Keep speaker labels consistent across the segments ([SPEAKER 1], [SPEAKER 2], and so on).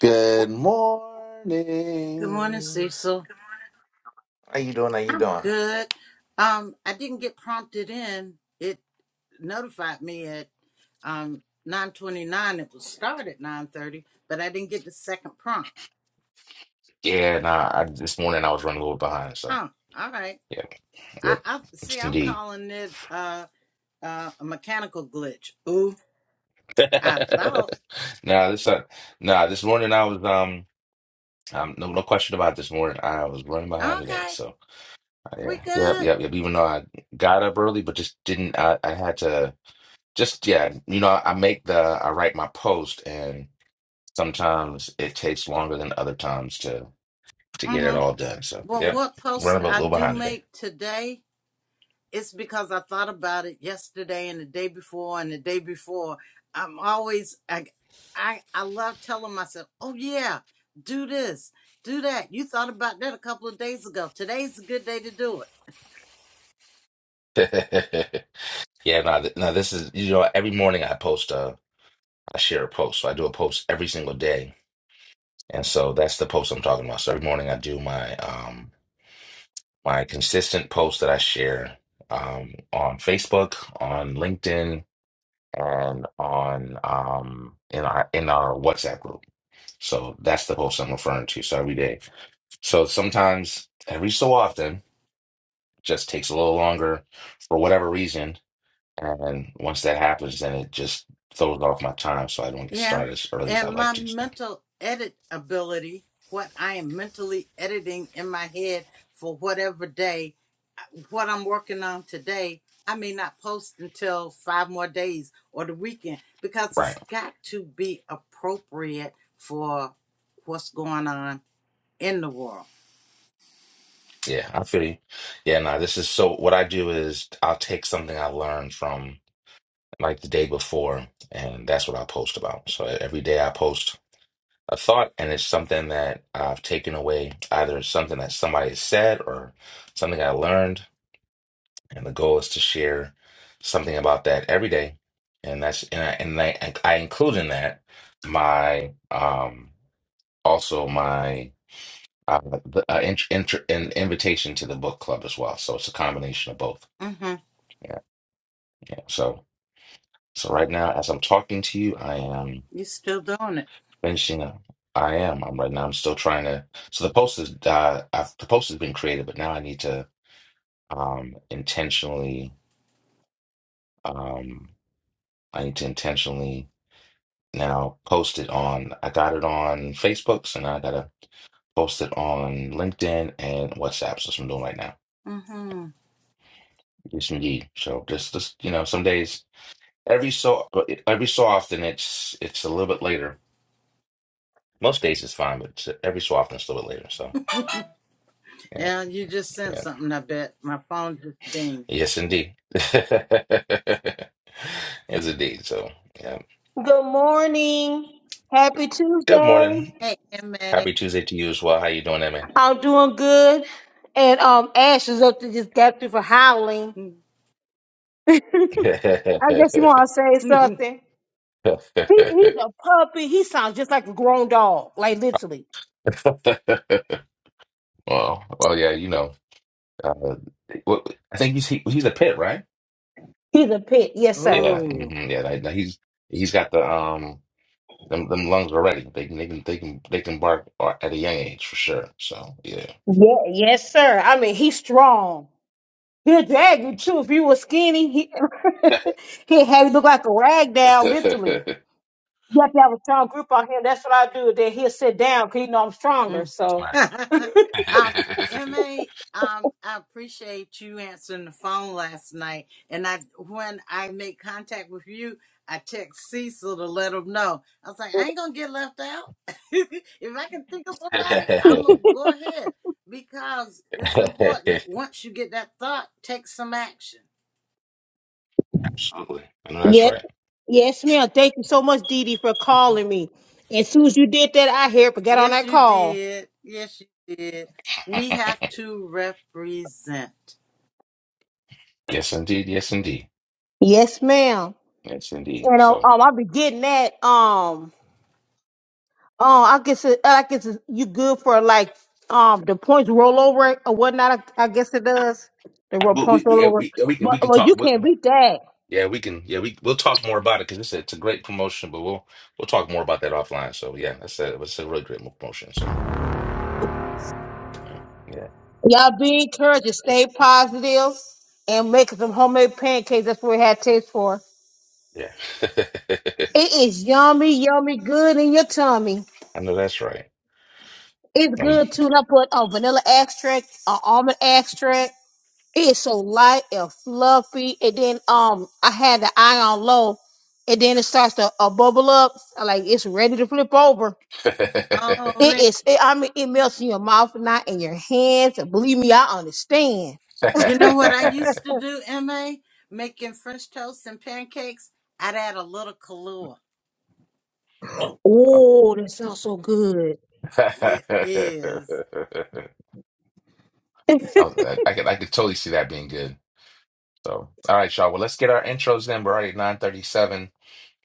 [SPEAKER 1] Good
[SPEAKER 2] Good morning,
[SPEAKER 1] morning.
[SPEAKER 2] Cecil.
[SPEAKER 1] How you doing? How you
[SPEAKER 2] I'm
[SPEAKER 1] doing?
[SPEAKER 2] good. Um, I didn't get prompted in. It notified me at um 9:29. It was start at 9:30, but I didn't get the second prompt.
[SPEAKER 1] Yeah, nah. I, this morning I was running a little behind, so
[SPEAKER 2] Oh, all right.
[SPEAKER 1] yeah, yeah,
[SPEAKER 2] I, I see.
[SPEAKER 1] it's
[SPEAKER 2] I'm
[SPEAKER 1] indeed.
[SPEAKER 2] calling it uh, uh a mechanical glitch. Ooh, I thought.
[SPEAKER 1] Nah, this uh, nah. This morning I was um, um, no, no question about this morning. I was running behind today,
[SPEAKER 2] Okay,
[SPEAKER 1] so uh, yeah,
[SPEAKER 2] we
[SPEAKER 1] yep,
[SPEAKER 2] good.
[SPEAKER 1] yep, yep. Even though I got up early, but just didn't. I, I had to just yeah, you know. I make the I write my post, and sometimes it takes longer than other times to. to get it
[SPEAKER 2] Mm-hmm.
[SPEAKER 1] all done. So
[SPEAKER 2] Well,
[SPEAKER 1] yeah,
[SPEAKER 2] what
[SPEAKER 1] we're a
[SPEAKER 2] post
[SPEAKER 1] little,
[SPEAKER 2] I
[SPEAKER 1] little
[SPEAKER 2] do
[SPEAKER 1] behind today.
[SPEAKER 2] make today? it's because I thought about it yesterday and the day before and the day before. I'm always I I, I love telling myself, "Oh yeah, do this, do that. You thought about that a couple of days ago. Today's a good day to do it."
[SPEAKER 1] yeah, no, th- no, this is you know every morning I post uh I share a post. So I do a post every single day, and so that's the post I'm talking about. So every morning I do my um my consistent post that I share um on Facebook, on LinkedIn, and on um in our in our WhatsApp group. So that's the post I'm referring to. So every day. So sometimes every so often. just takes a little longer for whatever reason. And once that happens, then it just throws off my time, so I don't get
[SPEAKER 2] Yeah.
[SPEAKER 1] started as early as I
[SPEAKER 2] And
[SPEAKER 1] like
[SPEAKER 2] my
[SPEAKER 1] to. So,
[SPEAKER 2] mental edit ability, what I am mentally editing in my head for whatever day what I'm working on today, I may not post until five more days or the weekend because
[SPEAKER 1] right?
[SPEAKER 2] it's got to be appropriate for what's going on in the world.
[SPEAKER 1] Yeah, I feel you. Yeah, no, this is so. What I do is I'll take something I learned from like the day before, and that's what I post about. So e-, every day I post a thought, and it's something that I've taken away, either something that somebody said or something I learned And the goal is to share something about that every day. And that's and I, and I, and I include in that my um also my uh, the, uh int, int, an invitation to the book club as well. So it's a combination of both.
[SPEAKER 2] Mm-hmm.
[SPEAKER 1] Yeah. yeah. So so right now as I'm talking to you, I am
[SPEAKER 2] You're still doing it.
[SPEAKER 1] finishing up. I am. I'm right now. I'm still trying to. So the post is uh, I've, the post has been created, but now I need to um intentionally um I need to intentionally. and then I'll post it on. I got it on Facebooks, and I gotta post it on LinkedIn and WhatsApp. So that's what I'm doing right now.
[SPEAKER 2] Mm-hmm.
[SPEAKER 1] Yes, indeed. So just, just you know, some days, every so every so often, it's it's a little bit later. Most days it's fine, but it's- every so often it's a little bit later. So yeah,
[SPEAKER 2] Yeah, you just sent
[SPEAKER 1] yeah,
[SPEAKER 2] something, I bet. My phone just dinged.
[SPEAKER 1] yes, indeed. Yes, indeed. So yeah.
[SPEAKER 3] Good morning. Happy
[SPEAKER 1] Good
[SPEAKER 3] Tuesday.
[SPEAKER 1] morning.
[SPEAKER 2] Hey,
[SPEAKER 1] Happy Tuesday to you as well. How you doing,
[SPEAKER 3] I'm doing good. And um Ash is up to just got through for howling.
[SPEAKER 2] MA.
[SPEAKER 3] I guess you wanna say something. He he's
[SPEAKER 1] Emma?
[SPEAKER 3] a puppy. He sounds just like a grown dog. Like literally.
[SPEAKER 1] Well, well, yeah, you know, uh, well, I think he's he, he's a pit, right?
[SPEAKER 3] He's a pit. Yes, sir.
[SPEAKER 1] Yeah,
[SPEAKER 2] oh.
[SPEAKER 1] hmm yeah. that- that he's he's got the um them, them lungs already. They can they can they can they can bark ar- at a young age for sure. So yeah.
[SPEAKER 3] Yeah, yes, sir. I mean he's strong. He'll drag you
[SPEAKER 1] So.
[SPEAKER 3] too. If you were skinny, he he'd have you look like a rag doll, literally. You have to have a strong group on him. That's what I do. Then he'll sit down because you know I'm stronger.
[SPEAKER 2] Mm.
[SPEAKER 3] So
[SPEAKER 1] Right.
[SPEAKER 2] um, Ma, um, I appreciate you answering the phone last night. And I, when I made contact with you, I text Cecil to let him know. I was like, I ain't gonna get left out. if I can think of somebody, I'm gonna go ahead because it's important. Once you get that thought, take some action.
[SPEAKER 1] Absolutely. I know that's
[SPEAKER 3] Yes,
[SPEAKER 1] right.
[SPEAKER 3] yes, ma'am. Thank you so much, Dee Dee, for calling me. As soon as you did that, I here but got on
[SPEAKER 2] Yes,
[SPEAKER 3] that
[SPEAKER 2] you
[SPEAKER 3] call.
[SPEAKER 2] did. Yes, you did. We have to represent.
[SPEAKER 1] Yes, indeed. Yes, indeed.
[SPEAKER 3] Yes, ma'am.
[SPEAKER 1] Yes,
[SPEAKER 3] You
[SPEAKER 1] indeed.
[SPEAKER 3] know,
[SPEAKER 1] So
[SPEAKER 3] um, I'll be getting that. Um, um, I guess it, I guess it- you good for like um the points rollover or whatnot. I, I guess it does the roll
[SPEAKER 1] we
[SPEAKER 3] points
[SPEAKER 1] we we
[SPEAKER 3] rollover,
[SPEAKER 1] we, we can we
[SPEAKER 3] but
[SPEAKER 1] can
[SPEAKER 3] well, you
[SPEAKER 1] talk.
[SPEAKER 3] can't beat that.
[SPEAKER 1] Yeah, we can. Yeah, we we'll talk more about it because it's a, it's a great promotion. But we'll we'll talk more about that offline. So yeah, that's a it's a really great mo- promotion. So yeah,
[SPEAKER 3] Y'all be encouraged to stay positive and make some homemade pancakes. That's what we had taste for.
[SPEAKER 1] yeah.
[SPEAKER 3] It is yummy, yummy, good in your tummy.
[SPEAKER 1] I know that's right.
[SPEAKER 3] It's
[SPEAKER 1] Um,
[SPEAKER 3] good too. And I put a vanilla extract, a almond extract. It is so light and fluffy. And then um, I had the eye on low, and then it starts to uh, bubble up. Like it's ready to flip over.
[SPEAKER 1] I,
[SPEAKER 2] Oh
[SPEAKER 3] It
[SPEAKER 2] man.
[SPEAKER 3] is. It, I mean, it melts in your mouth, and not in your hands. And believe me, I understand.
[SPEAKER 2] You know what I used to do, MA? Making French toast and pancakes. I'd add a little Kahlua.
[SPEAKER 3] Oh, that sounds so good.
[SPEAKER 2] It is
[SPEAKER 1] I could I could totally see that being good. So all right, y'all. Well, let's get our intros in. We're already at nine thirty seven.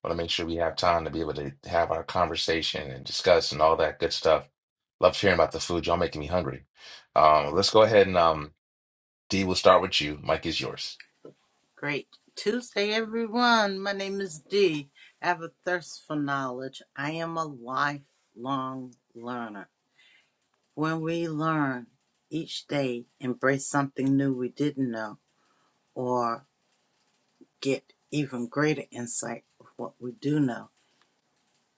[SPEAKER 1] want to make sure we have time to be able to have our conversation and discuss and all that good stuff. Loved hearing about the food. Y'all making me hungry. Um, let's go ahead and um, D, we'll start with you. Mike is yours.
[SPEAKER 2] great. Tuesday, everyone. My name is Dee. I have a thirst for knowledge. I am a lifelong learner. When we learn each day, embrace something new we didn't know, or get even greater insight of what we do know,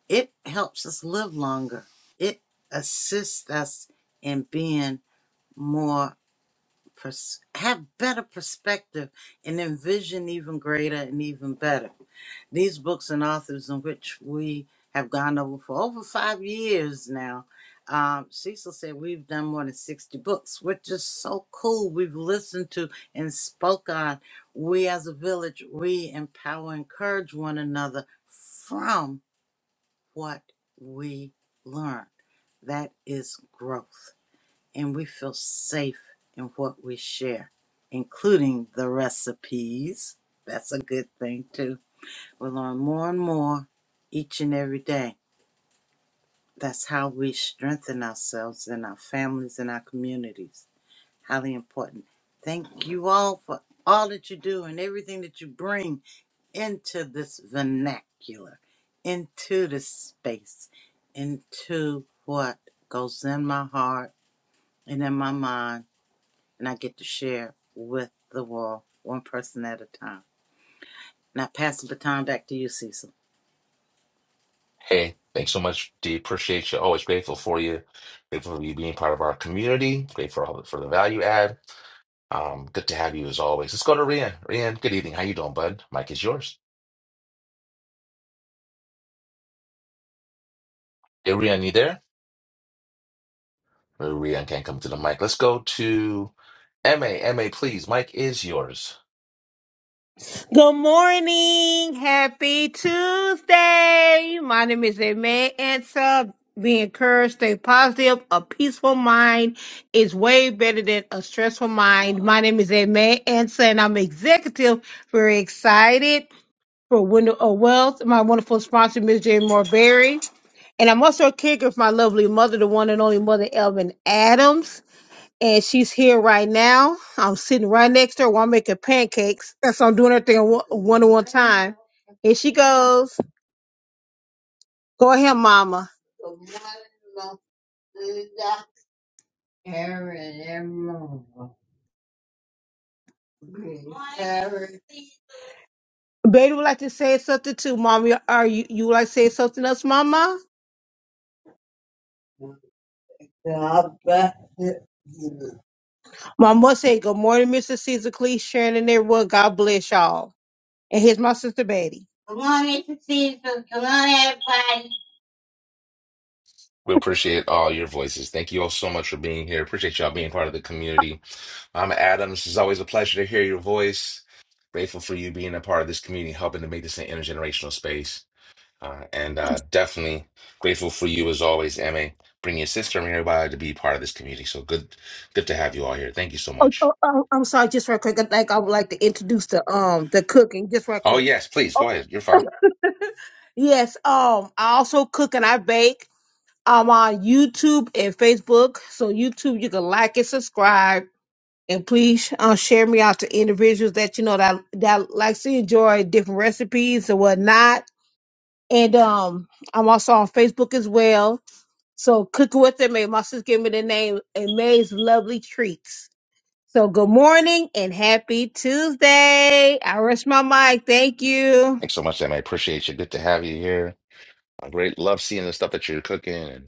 [SPEAKER 2] it helps us live longer. It assists us in being more pers- have better perspective and envision even greater and even better. These books and authors in which we have gone over for over five years now. Um, Cecil said we've done more than 60 books, which is so cool. We've listened to and spoke on. We as a village, we empower, encourage one another from what we learn. That is growth and we feel safe in what we share, including the recipes. That's a good thing, too. We learn more and more each and every day. That's how we strengthen ourselves and our families and our communities. Highly important. Thank you all for all that you do and everything that you bring into this vernacular, into this space, into what goes in my heart and in my mind and I get to share with the wall, one person at a time. Now pass the baton back to you, Cecil.
[SPEAKER 1] Hey, thanks so much, D. Appreciate you. Always grateful for you. Grateful for you being part of our community. Grateful for, all the, for the value add. Um, good to have you as always. Let's go to Rian. Rian, good evening. How you doing, bud? Mike is yours. Hey, Rian, you there? Rian can't come to the mic. Let's go to M A. M A, please. Mike is yours.
[SPEAKER 3] Good morning. Happy Tuesday. My name is Aimee Ansa. Be encouraged, stay positive. A peaceful mind is way better than a stressful mind. My name is Aimee Ansa, and I'm executive. Very excited for Window of Wealth, my wonderful sponsor, Ms. Jane Morberry. And I'm also a caregiver for my lovely mother, the one and only mother, Elvin Adams and she's here right now. I'm sitting right next to her while I'm making pancakes. And so I'm doing everything at one one at one time. And she goes, Go ahead, mama. Baby would like to say something too, mommy. Are you you would like to say something else, mama? Mama say, Good morning, Mr. Caesar Cleese, Sharon and everyone. God bless y'all. And here's my sister Betty.
[SPEAKER 1] We appreciate all your voices. Thank you all so much for being here. Appreciate y'all being part of the community. I'm Adams. It's always a pleasure to hear your voice. Grateful for you being a part of this community, helping to make this an intergenerational space. Uh, and uh, definitely grateful for you as always, Emma. Bring your sister and everybody to be part of this community. So good, good to have you all here. Thank you so
[SPEAKER 3] Oh,
[SPEAKER 1] much.
[SPEAKER 3] oh, oh, I'm sorry, just right quick. I think I would like to introduce the um the cooking just right
[SPEAKER 1] Oh
[SPEAKER 3] quick.
[SPEAKER 1] yes, please
[SPEAKER 3] Oh,
[SPEAKER 1] go ahead. You're fine.
[SPEAKER 3] yes, um, I also cook and I bake. I'm on YouTube and Facebook. So YouTube, you can like and subscribe, and please uh, share me out to individuals that you know that that likes to enjoy different recipes and whatnot. And um, I'm also on Facebook as well. So cooking with them, my sister gave me the name Amaze Lovely Treats. So good morning and happy Tuesday. I rest my mic. Thank you.
[SPEAKER 1] Thanks so much, Emma. Appreciate you. Good to have you here. I great love seeing the stuff that you're cooking and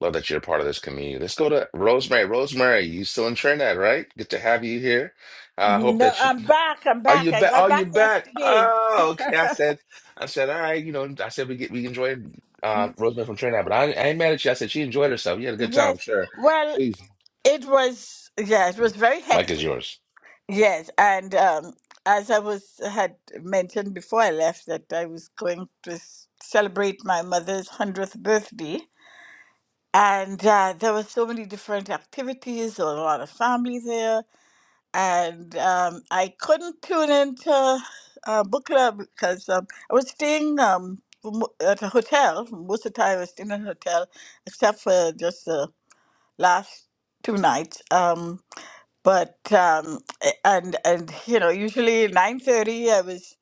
[SPEAKER 1] love that you're a part of this community. Let's go to Rosemary. Rosemary, you still in Trinidad, right? Good to have you here. I hope
[SPEAKER 4] No,
[SPEAKER 1] that you
[SPEAKER 4] I'm back. I'm
[SPEAKER 1] are
[SPEAKER 4] back.
[SPEAKER 1] you
[SPEAKER 4] I
[SPEAKER 1] back.
[SPEAKER 4] got
[SPEAKER 1] Are you
[SPEAKER 4] back
[SPEAKER 1] back?
[SPEAKER 4] yesterday.
[SPEAKER 1] Oh, okay. I said, I said, all right. You know, I said we get we enjoyed uh, Rosemary from Trinidad, but I, I ain't mad at you. I said she enjoyed herself. You had a good time, I'm
[SPEAKER 4] Yes.
[SPEAKER 1] sure.
[SPEAKER 4] Well,
[SPEAKER 1] Please,
[SPEAKER 4] it was yeah, it was very
[SPEAKER 1] Mike is
[SPEAKER 4] hectic.
[SPEAKER 1] yours.
[SPEAKER 4] Yes, and um, as I was had mentioned before I left that I was going to s- celebrate my mother's hundredth birthday, and uh, there were so many different activities. There was a lot of family there and um, I couldn't tune into uh, book club because um, I was staying um, m- at a hotel. Most of the time, I was staying in a hotel, except for just the last two nights. Um, but um, a- and and you know, usually nine thirty, I was.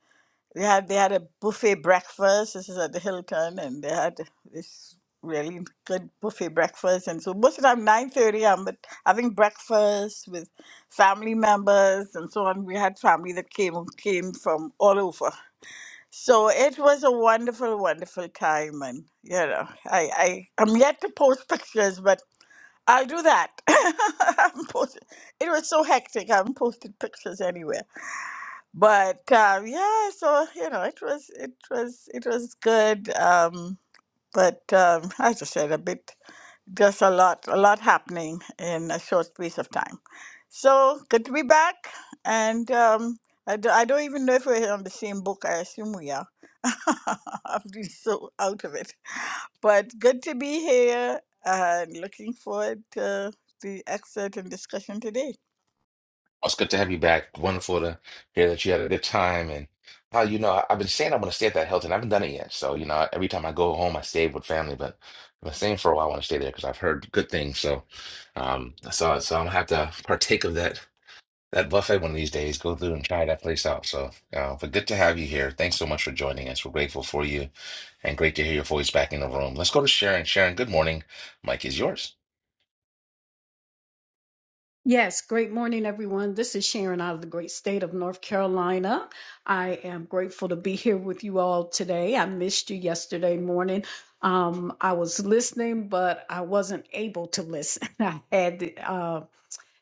[SPEAKER 4] They had they had a buffet breakfast. This is at the Hilton, and they had this really good buffet breakfast. And so most of the time, nine thirty, I'm at- having breakfast with family members and so on. We had family that came came from all over. So it was a wonderful, wonderful time, and you know, I I am yet to post pictures, but I'll do that. I haven't posted. It was so hectic. I haven't posted pictures but uh, yeah, so you know, it was it was it was good. Um, but um, as I said, a bit just a lot a lot happening in a short piece of time. So good to be back, and um, I, do, I don't even know if we're on the same book. I assume we are. I'm really so out of it, but good to be here and looking forward to the excerpt and discussion today.
[SPEAKER 1] It's good to have you back. Wonderful to hear that you had a good time. And how you know, I- I've been saying I want to stay at that Hilton. I haven't done it yet. So, you know, every time I go home, I stay with family. But I've been saying for a while I want to stay there because I've heard good things. So, um, so so I'm gonna have to partake of that that buffet one of these days. Go through and try that place out. So, uh, but good to have you here. Thanks so much for joining us. We're grateful for you, and great to hear your voice back in the room. Let's go to Sharon. Sharon, good morning. Mike is yours.
[SPEAKER 5] Yes, great morning, everyone. This is Sharon out of the great state of North Carolina. I am grateful to be here with you all today. I missed you yesterday morning. Um, I was listening, but I wasn't able to listen. I had um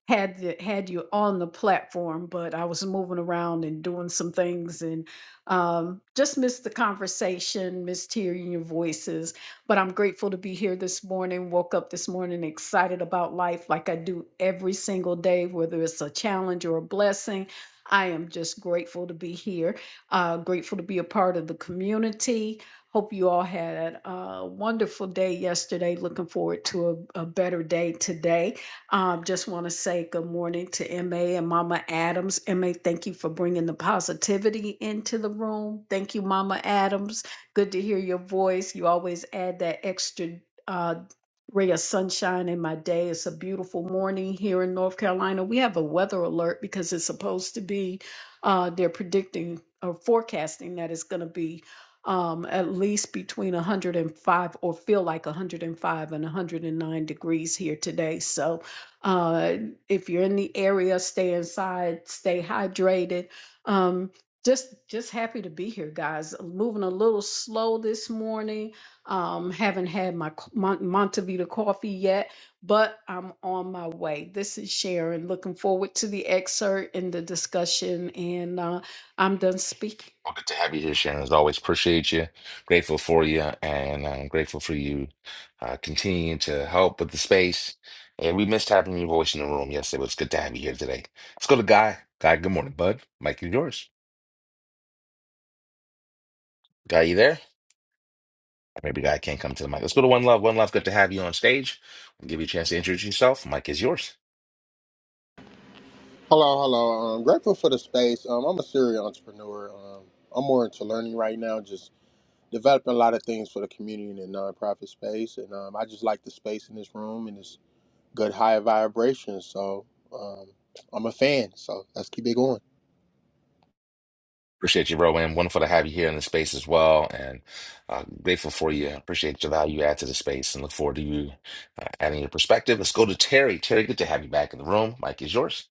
[SPEAKER 5] had the, had you on the platform, but I was moving around and doing some things and um, just missed the conversation, missed hearing your voices. But I'm grateful to be here this morning. Woke up this morning excited about life, like I do every single day, whether it's a challenge or a blessing. I am just grateful to be here. Uh, grateful to be a part of the community. Hope you all had a wonderful day yesterday. Looking forward to a, a better day today. Um, just want to say good morning to MA and Mama Adams. MA, thank you for bringing the positivity into the room. Thank you, Mama Adams. Good to hear your voice. You always add that extra. uh, ray of sunshine in my day. It's a beautiful morning here in North Carolina. We have a weather alert because it's supposed to be, uh, they're predicting or forecasting that it's going to be um, at least between 105 or feel like 105 and 109 degrees here today. So uh, if you're in the area, stay inside, stay hydrated. Um, just just happy to be here guys moving a little slow this morning um, haven't had my co- Mon- Montevita coffee yet, but I'm on my way. This is Sharon. Looking forward to the excerpt and the discussion. And uh, I'm done speaking.
[SPEAKER 1] Well, good to have you here, Sharon. As always, appreciate you. Grateful for you, and I'm grateful for you uh, continuing to help with the space. And we missed having your voice in the room yesterday, but it's good to have you here today. Let's go to Guy. Guy, good morning, bud. Mike is yours. Guy, you there? Maybe Guy can't come to the mic. Let's go to One Love. One Love, good to have you on stage. We'll give you a chance to introduce yourself. Mike is yours.
[SPEAKER 6] Hello, hello. I'm grateful for the space. Um, I'm a serial entrepreneur. Um, I'm more into learning right now, just developing a lot of things for the community and the nonprofit space. And um, I just like the space in this room and it's good high vibrations. So um, I'm a fan. So let's keep it going.
[SPEAKER 1] Appreciate you, Rowan. Wonderful to have you here in the space as well, and uh, grateful for you. Appreciate your value you add to the space, and look forward to you uh, adding your perspective. Let's go to Terry. Terry, good to have you back in the room. Mike is yours.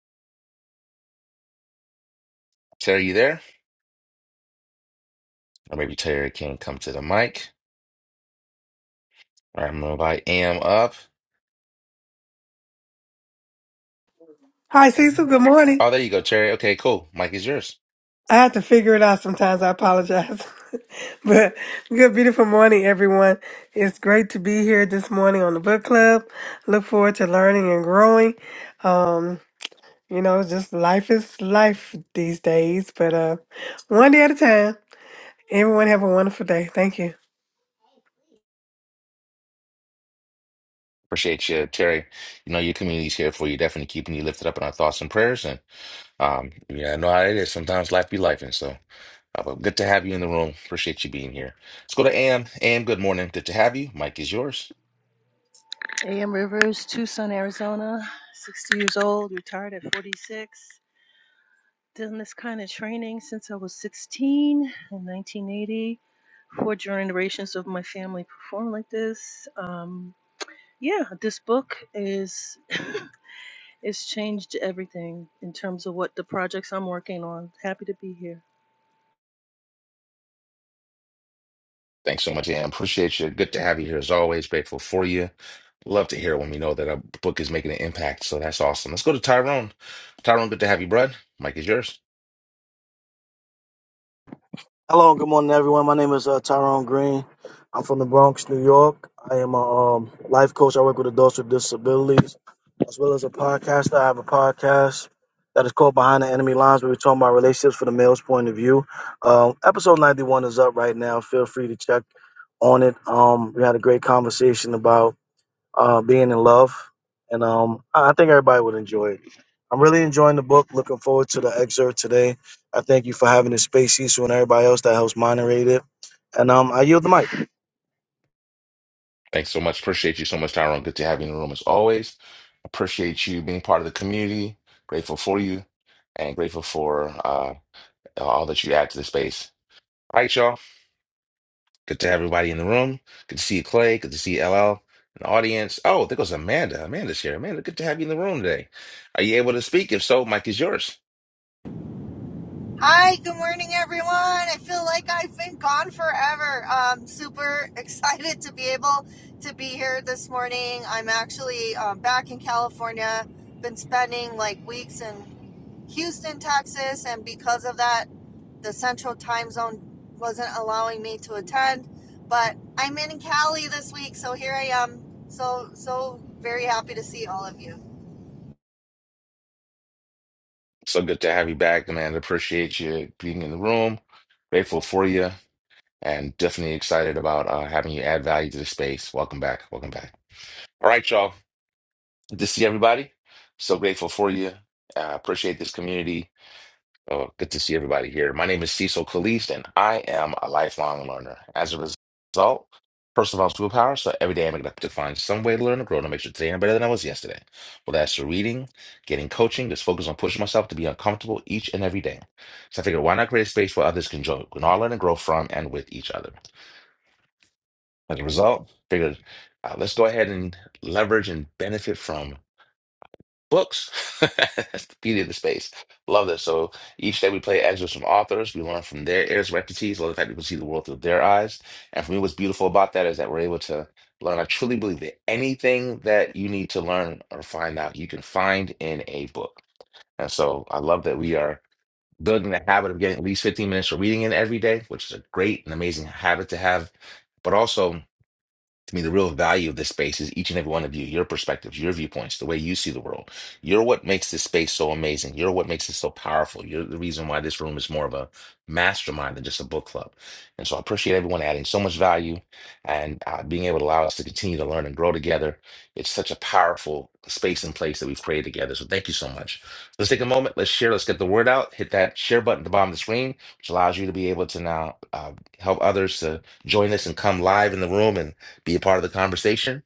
[SPEAKER 1] Terry, you there? Or maybe Terry can come to the mic. All right, I'm gonna invite Am up.
[SPEAKER 7] Hi, Cecil. Good morning.
[SPEAKER 1] Oh, there you go, Terry. Okay, cool. Mike is yours.
[SPEAKER 7] I have to figure it out sometimes. I apologize. but good, beautiful morning, everyone. It's great to be here this morning on the book club. Look forward to learning and growing. Um, you know, just life is life these days, but uh, one day at a time. Everyone have a wonderful day. Thank you.
[SPEAKER 1] Appreciate you, Terry. You know your community's here for you. Definitely keeping you lifted up in our thoughts and prayers. And um, yeah, I know how it is. Sometimes life be life, and so Uh, but good to have you in the room. Appreciate you being here. Let's go to Am. Am, good morning. Good to have you. Mike is yours.
[SPEAKER 8] A.M. Rivers, Tucson, Arizona, 60 years old, retired at 46. Done this kind of training since I was 16 in 1980. Four generations of my family perform like this. Um, yeah, this book is it's changed everything in terms of what the projects I'm working on. Happy to be here.
[SPEAKER 1] Thanks so much, Am. Appreciate you. Good to have you here as always. Grateful for you. Love to hear when we know that our book is making an impact. So that's awesome. Let's go to Tyrone. Tyrone, good to have you, bud. Mike is yours.
[SPEAKER 9] Hello, and good morning, everyone. My name is uh, Tyrone Green. I'm from the Bronx, New York. I am a um, life coach. I work with adults with disabilities, as well as a podcaster. I have a podcast that is called Behind the Enemy Lines, where we're talking about relationships from the male's point of view. Um, episode 91 is up right now. Feel free to check on it. Um, we had a great conversation about uh, being in love, and um, I I think everybody would enjoy it. I'm really enjoying the book. Looking forward to the excerpt today. I thank you for having the space, Cecil, and everybody else that helps moderate it. And um, I yield the mic.
[SPEAKER 1] Thanks so much. Appreciate you so much, Tyrone. Good to have you in the room as always. Appreciate you being part of the community. Grateful for you and grateful for uh, all that you add to the space. All right, y'all. Good to have everybody in the room. Good to see you, Clay. Good to see you, LL, in the audience. Oh, there goes Amanda. Amanda's here. Amanda, good to have you in the room today. Are you able to speak? If so, mic is yours.
[SPEAKER 10] Hi, good morning, everyone. I feel like I've been gone forever. Um, super excited to be able to be here this morning. I'm actually um, back in California. Been spending like weeks in Houston, Texas, and because of that, the Central Time Zone wasn't allowing me to attend. But I'm in Cali this week, so here I am. So so very happy to see all of you.
[SPEAKER 1] So good to have you back, Amanda. Appreciate you being in the room. Grateful for you and definitely excited about uh, having you add value to the space. Welcome back. Welcome back. All right, y'all. Good to see everybody. So grateful for you. Uh, appreciate this community Oh, good to see everybody here. My name is Cecil Caliste, and I am a lifelong learner. As a result, first of all, superpower. So every day I'm going to find some way to learn and grow to make sure today I'm better than I was yesterday. Whether that's through reading, getting coaching, just focus on pushing myself to be uncomfortable each and every day. So I figured, why not create a space where others can join, can all learn and grow from and with each other. As a result, figured, uh, let's go ahead and leverage and benefit from books. That's the beauty of the space. Love this. So each day we play excerpts from authors. We learn from their areas of expertise. Love the fact that people see the world through their eyes. And for me, what's beautiful about that is that we're able to learn. I truly believe that anything that you need to learn or find out, you can find in a book. And so I love that we are building the habit of getting at least 15 minutes of reading in every day, which is a great and amazing habit to have. But also, to me the real value of this space is each and every one of you your perspectives your viewpoints the way you see the world you're what makes this space so amazing you're what makes it so powerful you're the reason why this room is more of a mastermind than just a book club and so i appreciate everyone adding so much value and uh, being able to allow us to continue to learn and grow together it's such a powerful space and place that we've created together so thank you so much let's take a moment let's share let's get the word out hit that share button at the bottom of the screen which allows you to be able to now uh, help others to join us and come live in the room and be a part of the conversation,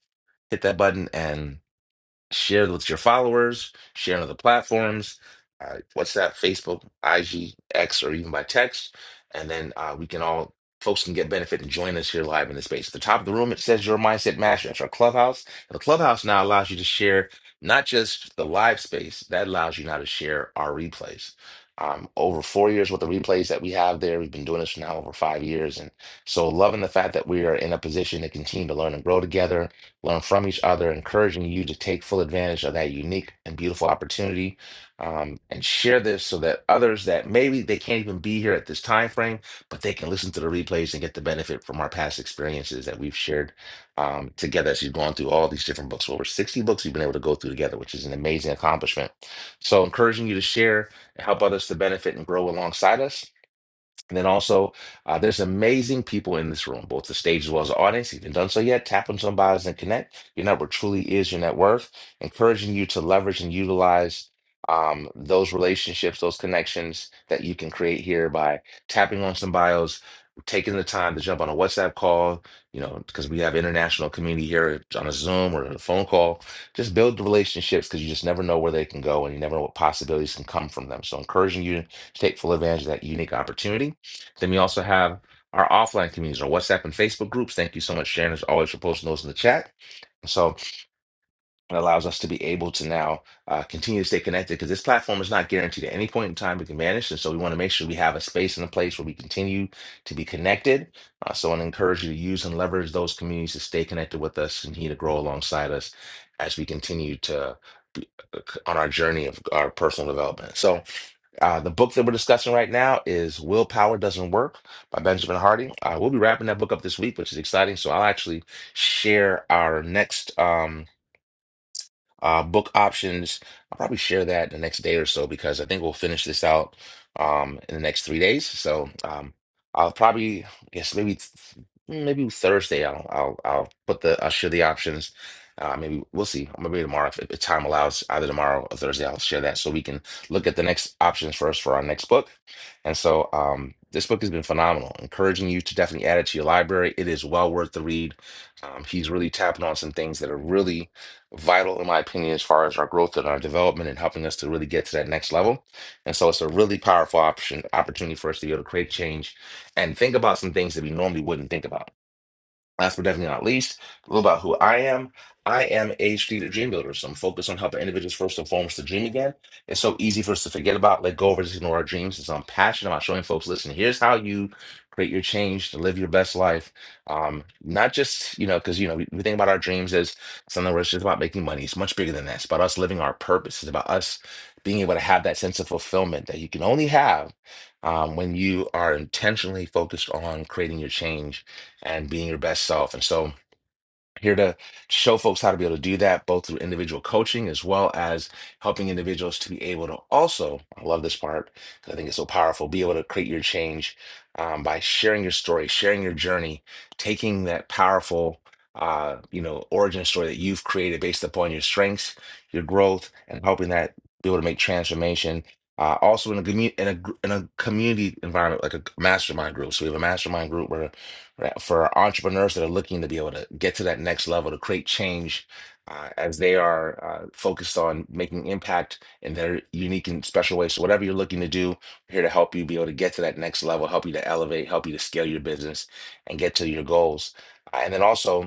[SPEAKER 1] hit that button and Share with your followers, share on other platforms. Uh, what's that? Facebook, IG, X, or even by text. And then uh, we can all, folks can get benefit and join us here live in the space. At the top of the room, it says Your Mindset Master. That's our clubhouse. And the clubhouse now allows you to share not just the live space, that allows you now to share our replays. Um, over four years worth of replays that we have there. We've been doing this for now over five years. And so loving the fact that we are in a position to continue to learn and grow together learn from each other, encouraging you to take full advantage of that unique and beautiful opportunity um, and share this so that others that maybe they can't even be here at this time frame, but they can listen to the replays and get the benefit from our past experiences that we've shared um, together as we've gone through all these different books. Over 60 books we've been able to go through together, which is an amazing accomplishment. So, encouraging you to share and help others to benefit and grow alongside us. And then also, uh, there's amazing people in this room, both the stage as well as the audience. If you haven't done so yet, tap on some bios and connect. Your network truly is your net worth, encouraging you to leverage and utilize um, those relationships, those connections that you can create here by tapping on some bios, taking the time to jump on a WhatsApp call, you know, because we have international community here on a Zoom or a phone call. Just build the relationships because you just never know where they can go and you never know what possibilities can come from them. So, encouraging you to take full advantage of that unique opportunity. Then we also have our offline communities, our WhatsApp and Facebook groups. Thank you so much, Sharon, as always, for posting those in the chat. So it allows us to be able to now uh, continue to stay connected because this platform is not guaranteed at any point in time to be managed. And so we want to make sure we have a space and a place where we continue to be connected. Uh, so I want to encourage you to use and leverage those communities to stay connected with us and continue to grow alongside us as we continue to be on our journey of our personal development. So uh, the book that we're discussing right now is Willpower Doesn't Work by Benjamin Hardy. Uh, we'll be wrapping that book up this week, which is exciting. So I'll actually share our next. Um, uh, book options, I'll probably share that the next day or so because I think we'll finish this out um, in the next three days. So um, I'll probably, I guess maybe th- maybe Thursday. I'll I'll I'll put the I'll share the options. Uh, maybe we'll see. Maybe tomorrow, if, if time allows, either tomorrow or Thursday, I'll share that so we can look at the next options first for our next book. And so um, this book has been phenomenal, encouraging you to definitely add it to your library. It is well worth the read. Um, he's really tapping on some things that are really vital in my opinion as far as our growth and our development and helping us to really get to that next level. And so it's a really powerful option opportunity for us to be able to create change and think about some things that we normally wouldn't think about. Last but definitely not least, a little about who I am. I am a strategic dream builder, so I'm focused on helping individuals first and foremost to dream again. It's so easy for us to forget about, let go of, or just ignore our dreams. And so I'm passionate about showing folks, listen, here's how you create your change to live your best life. Um, not just, you know, because, you know, we, we think about our dreams as something where it's just about making money. It's much bigger than that. It's about us living our purpose. It's about us being able to have that sense of fulfillment that you can only have um, when you are intentionally focused on creating your change and being your best self. And so, here to show folks how to be able to do that, both through individual coaching as well as helping individuals to be able to also, I love this part because I think it's so powerful, be able to create your change um, by sharing your story, sharing your journey, taking that powerful, uh, you know, origin story that you've created based upon your strengths, your growth, and helping that be able to make transformation. Uh, also in a community in a gr- in a community environment like a mastermind group. So we have a mastermind group where right, for entrepreneurs that are looking to be able to get to that next level to create change uh, as they are uh, focused on making impact in their unique and special way. So whatever you're looking to do, we're here to help you be able to get to that next level, help you to elevate, help you to scale your business and get to your goals. Uh, and then also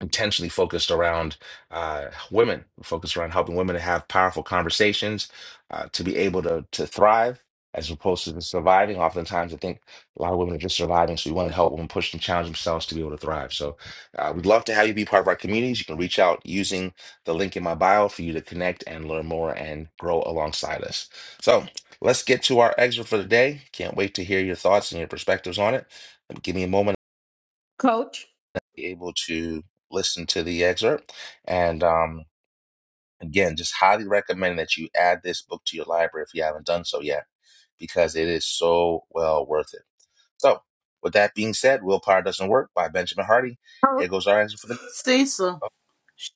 [SPEAKER 1] intentionally focused around uh, women, focused around helping women to have powerful conversations, uh, to be able to to thrive as opposed to just surviving. Oftentimes, I think a lot of women are just surviving, so we want to help women push and challenge themselves to be able to thrive. So, uh, we'd love to have you be part of our communities. You can reach out using the link in my bio for you to connect and learn more and grow alongside us. So, let's get to our excerpt for the day. Can't wait to hear your thoughts and your perspectives on it. Give me a moment
[SPEAKER 5] Coach?
[SPEAKER 1] be able to listen to the excerpt. And um, again, just highly recommend that you add this book to your library if you haven't done so yet, because it is so well worth it. So, with that being said, Willpower Doesn't Work by Benjamin Hardy.
[SPEAKER 5] Oh,
[SPEAKER 1] Here goes our answer for the.
[SPEAKER 2] Cecil,
[SPEAKER 1] oh,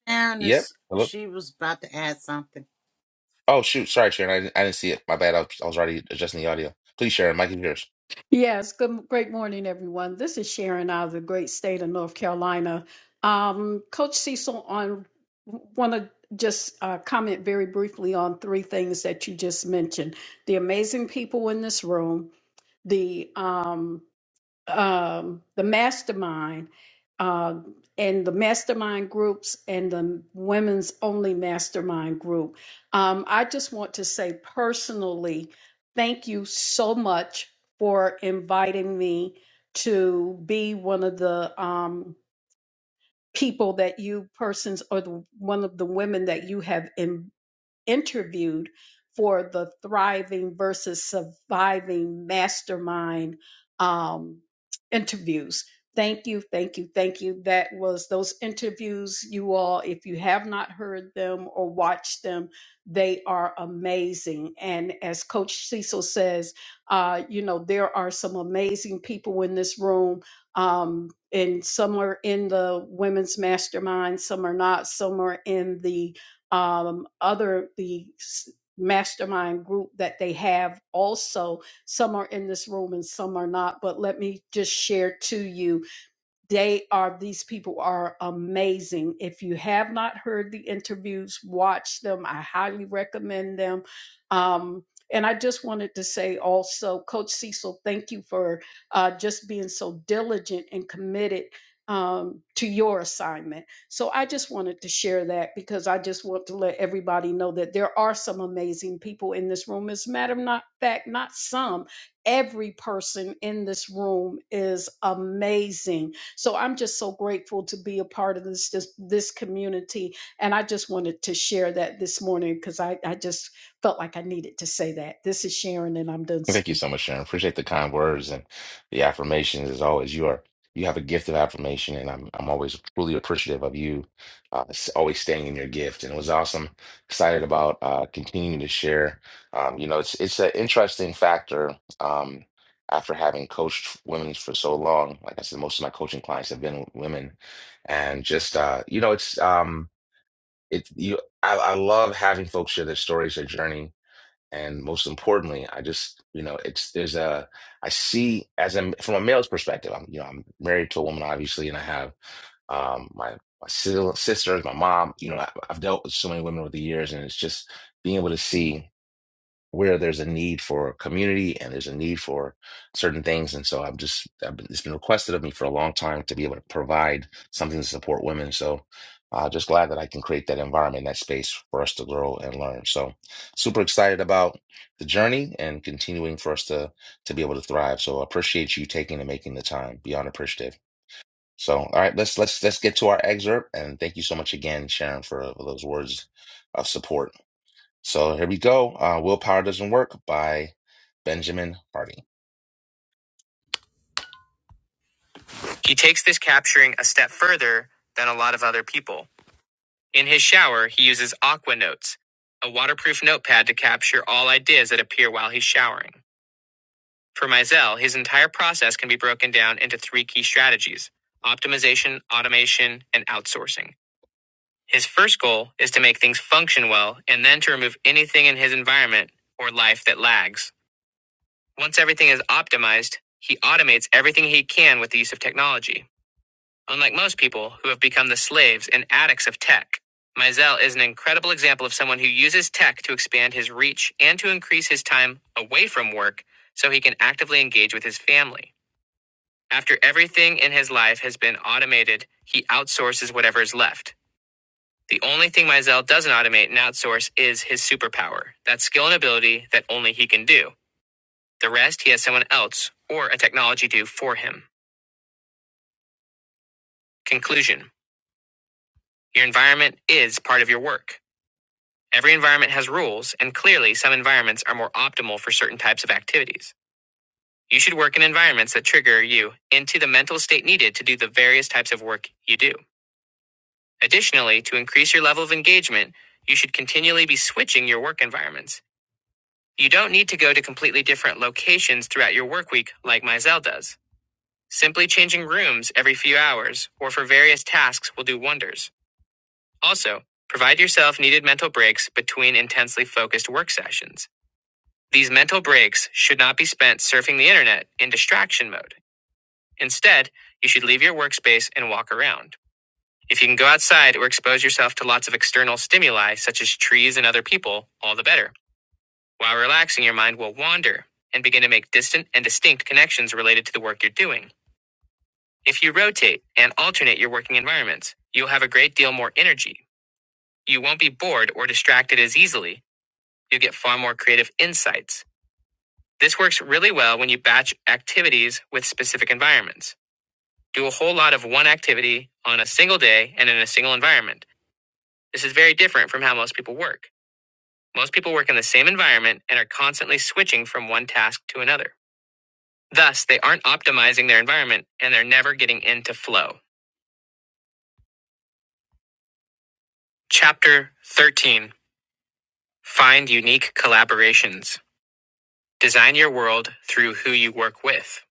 [SPEAKER 2] Sharon
[SPEAKER 1] yep.
[SPEAKER 2] is
[SPEAKER 1] Hello.
[SPEAKER 2] she was about to add something.
[SPEAKER 1] Oh, shoot. Sorry, Sharon. I didn't, I didn't see it. My bad. I was, I was already adjusting the audio. Please, Sharon. Mike is yours.
[SPEAKER 5] Yes, good, great morning, everyone. This is Sharon out of the great state of North Carolina. Um, Coach Cecil, on want to just uh, comment very briefly on three things that you just mentioned: the amazing people in this room, the um, um, the mastermind uh, and the mastermind groups and the women's only mastermind group. Um, I just want to say personally, thank you so much for inviting me to be one of the um, people that you persons or the, one of the women that you have invited interviewed for the Thriving versus Surviving Mastermind um, interviews. Thank you, thank you, thank you. That was those interviews, you all. If you have not heard them or watched them, they are amazing. And as Coach Cecil says, uh, you know, there are some amazing people in this room um, and some are in the women's mastermind, some are not, some are in the um, other the s- mastermind group that they have also some are in this room and some are not but let me just share to you they are these people are amazing if you have not heard the interviews watch them i highly recommend them um, and i just wanted to say also coach cecil thank you for uh, just being so diligent and committed um, to your assignment so i just wanted to share that because i just want to let everybody know that there are some amazing people in this room as a matter of not, fact not some every person in this room is amazing so I'm just so grateful to be a part of this this, this community. And I just wanted to share that this morning because I, I just felt like I needed to say that. This is Sharon and I'm done
[SPEAKER 1] Well, Thank you
[SPEAKER 5] speaking.
[SPEAKER 1] so much, Sharon. Appreciate the kind words and the affirmations as always. You are you have a gift of affirmation, and I'm I'm always truly appreciative of you, uh, s- always staying in your gift. And it was awesome. Excited about uh, continuing to share. Um, you know, it's it's an interesting factor. Um, after having coached women for so long, like I said, most of my coaching clients have been women, and just uh, you know, it's um, it you. I, I love having folks share their stories, their journey and most importantly i just you know it's there's a i see as a from a male's perspective i'm you know i'm married to a woman obviously and i have um my my sis- sisters my mom you know I, i've dealt with so many women over the years and it's just being able to see where there's a need for community and there's a need for certain things. And so I'm just, I've been, it's been requested of me for a long time to be able to provide something to support women. So uh, just glad that I can create that environment, that space for us to grow and learn. So super excited about the journey and continuing for us to to be able to thrive. So I appreciate you taking and making the time. Beyond appreciative. So all right, let's let's let's get to our excerpt. And thank you so much again, Sharon, for, for those words of support so here we go. Uh, Willpower Doesn't Work by Benjamin Hardy. He takes this capturing a step further than a lot of other people. In his shower, he uses Aqua Notes, a waterproof notepad to capture all ideas that appear while he's showering. For Mizell, his entire process can be broken down into three key strategies optimization, automation, and outsourcing. His first goal is to make things function well and then to remove anything in his environment or life that lags. Once everything is optimized, he automates everything he can with the use of technology. Unlike most people who have become the slaves and addicts of tech, Mizell is an incredible example of someone who uses tech to expand his reach and to increase his time away from work so he can actively engage with his family. After everything in his life has been automated, he outsources whatever is left. The only thing Mizell doesn't automate and outsource is his superpower, that skill and ability that only he can do. The rest he has someone else or a technology do for him. Conclusion Your environment is part of your work. Every environment has rules, and clearly, some environments are more optimal for certain types of activities. You should work in environments that trigger you into the mental state needed to do the various types of work you do. Additionally, to increase your level of engagement, you should continually be switching your work environments. You don't need to go to completely different locations throughout your work week like Mizell does. Simply changing rooms every few hours or for various tasks will do wonders. Also, provide yourself needed mental breaks between intensely focused work sessions. These mental breaks should not be spent surfing the internet in distraction mode. Instead, you should leave your workspace and walk around. If you can go outside or expose yourself to lots of external stimuli, such as trees and other people, all the better. While relaxing, your mind will wander and begin to make distant and distinct connections related to the work you're doing. If you rotate and alternate your working environments, you'll have a great deal more energy. You won't be bored or distracted as easily. You get far more creative insights. This works really well when you batch activities with specific environments. Do a whole lot of one activity on a single day and in a single environment. This is very different from how most people work. Most people work in the same environment and are constantly switching from one task to another. Thus, they aren't optimizing their environment and they're never getting into flow. Chapter 13 Find unique collaborations. Design your world through who you work with.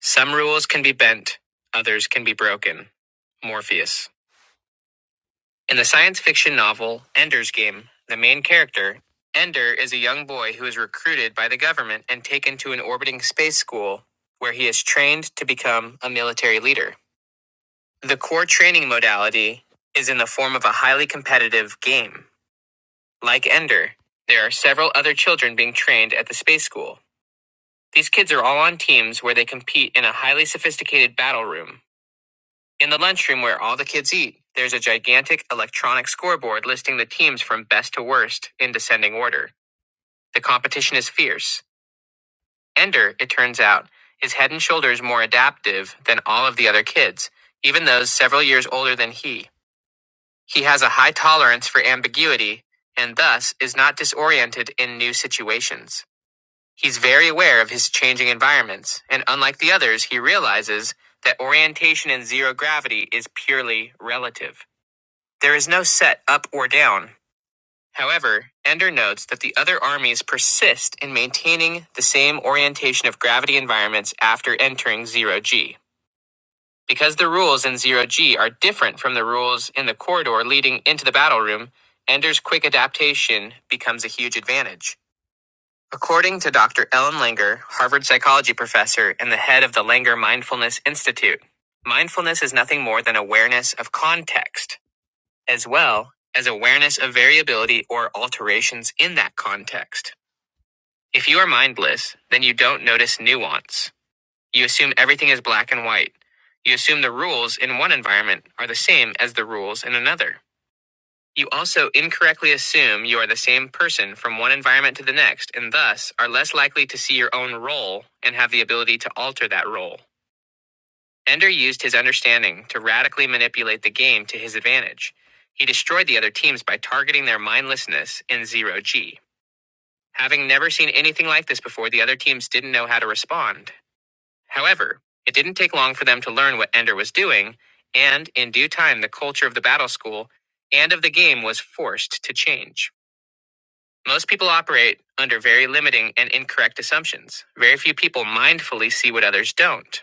[SPEAKER 1] Some rules can be bent, others can be broken. Morpheus. In the science fiction novel Ender's Game, the main character, Ender, is a young boy who is recruited by the government and taken to an orbiting space school where he is trained to become a military leader. The core training modality is in the form of a highly competitive game. Like Ender, there are several other children being trained at the space school. These kids are all on teams where they compete in a highly sophisticated battle room. In the lunchroom where all the kids eat, there's a gigantic electronic scoreboard listing the teams from best to worst in descending order. The competition is fierce. Ender, it turns out, is head and shoulders more adaptive than all of the other kids, even those several years older than he. He has a high tolerance for ambiguity and thus is not disoriented in new situations. He's very aware of his changing environments, and unlike the others, he realizes that orientation in zero gravity is purely relative. There is no set up or down. However, Ender notes that the other armies persist in maintaining the same orientation of gravity environments after entering zero G. Because the rules in zero G are different from the rules in the corridor leading into the battle room, Ender's quick adaptation becomes a huge advantage. According to Dr. Ellen Langer, Harvard psychology professor and the head of the Langer Mindfulness Institute, mindfulness is nothing more than awareness of context, as well as awareness of variability or alterations in that context. If you are mindless, then you don't notice nuance. You assume everything is black and white. You assume the rules in one environment are the same as the rules in another. You also incorrectly assume you are the same person from one environment to the next and thus are less likely to see your own role and have the ability to alter that role. Ender used his understanding to radically manipulate the game to his advantage. He destroyed the other teams by targeting their mindlessness in zero G. Having never seen anything like this before, the other teams didn't know how to respond. However, it didn't take long for them to learn what Ender was doing, and in due time, the culture of the battle school and of the game was forced to change. Most people operate under very limiting and incorrect assumptions. Very few people mindfully see what others don't.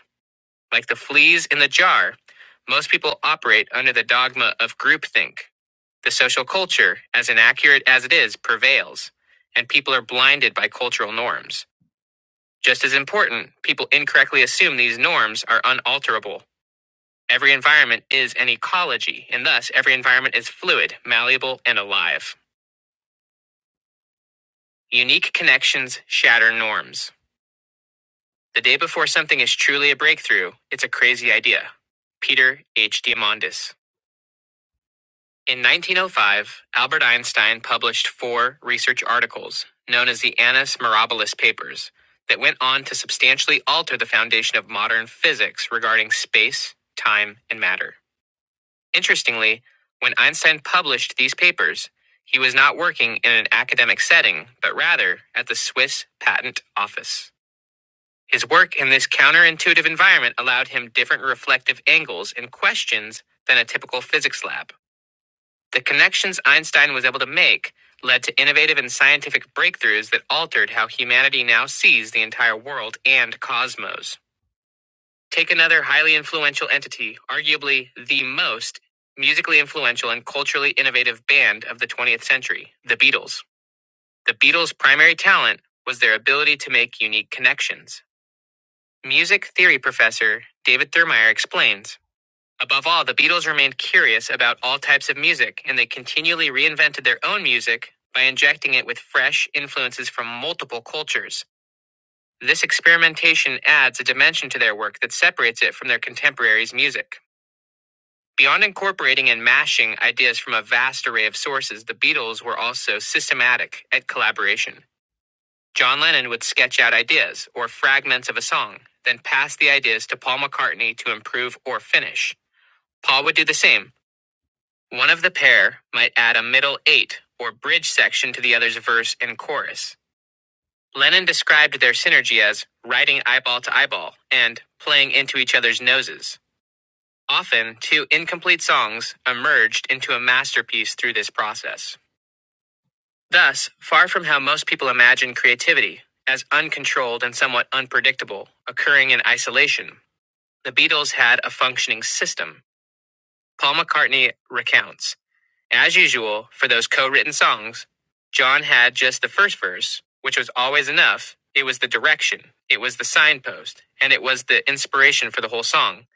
[SPEAKER 1] Like the fleas in the jar, most people operate under the dogma of groupthink. The social culture, as inaccurate as it is, prevails, and people are blinded by cultural norms. Just as important, people incorrectly assume these norms are unalterable. Every environment is an ecology, and thus every environment is fluid, malleable, and alive. Unique connections shatter norms. The day before something is truly a breakthrough, it's a crazy idea. Peter H. Diamandis. In 1905, Albert Einstein published four research articles, known as the Annus Mirabilis Papers, that went on to substantially alter the foundation of modern physics regarding space, time, and matter. Interestingly, when Einstein published these papers, he was not working in an academic setting, but rather at the Swiss Patent Office. His work in this counterintuitive environment allowed him different reflective angles and questions than a typical physics lab. The connections Einstein was able to make led to innovative and scientific breakthroughs that altered how humanity now sees the entire world and cosmos. Take another highly influential entity, arguably the most musically influential and culturally innovative band of the 20th century, the Beatles. The Beatles' primary talent was their ability to make unique connections. Music theory professor David Thurmeyer explains Above all, the Beatles remained curious about all types of music, and they continually reinvented their own music by injecting it with fresh influences from multiple cultures. This experimentation adds a dimension to their work that separates it from their contemporaries' music. Beyond incorporating and mashing ideas from a vast array of sources, the Beatles were also systematic at collaboration. John Lennon would sketch out ideas or fragments of a song, then pass the ideas to Paul McCartney to improve or finish. Paul would do the same. One of the pair might add a middle eight or bridge section to the other's verse and chorus. Lennon described their synergy as writing eyeball to eyeball and playing into each other's noses. Often, two incomplete songs emerged into a masterpiece through this process. Thus, far from how most people imagine creativity, as uncontrolled and somewhat unpredictable, occurring in isolation, the Beatles had a functioning system. Paul McCartney recounts, as usual, for those co written songs, John had just the first verse, which was always enough. It was the direction, it was the signpost, and it was the inspiration for the whole song.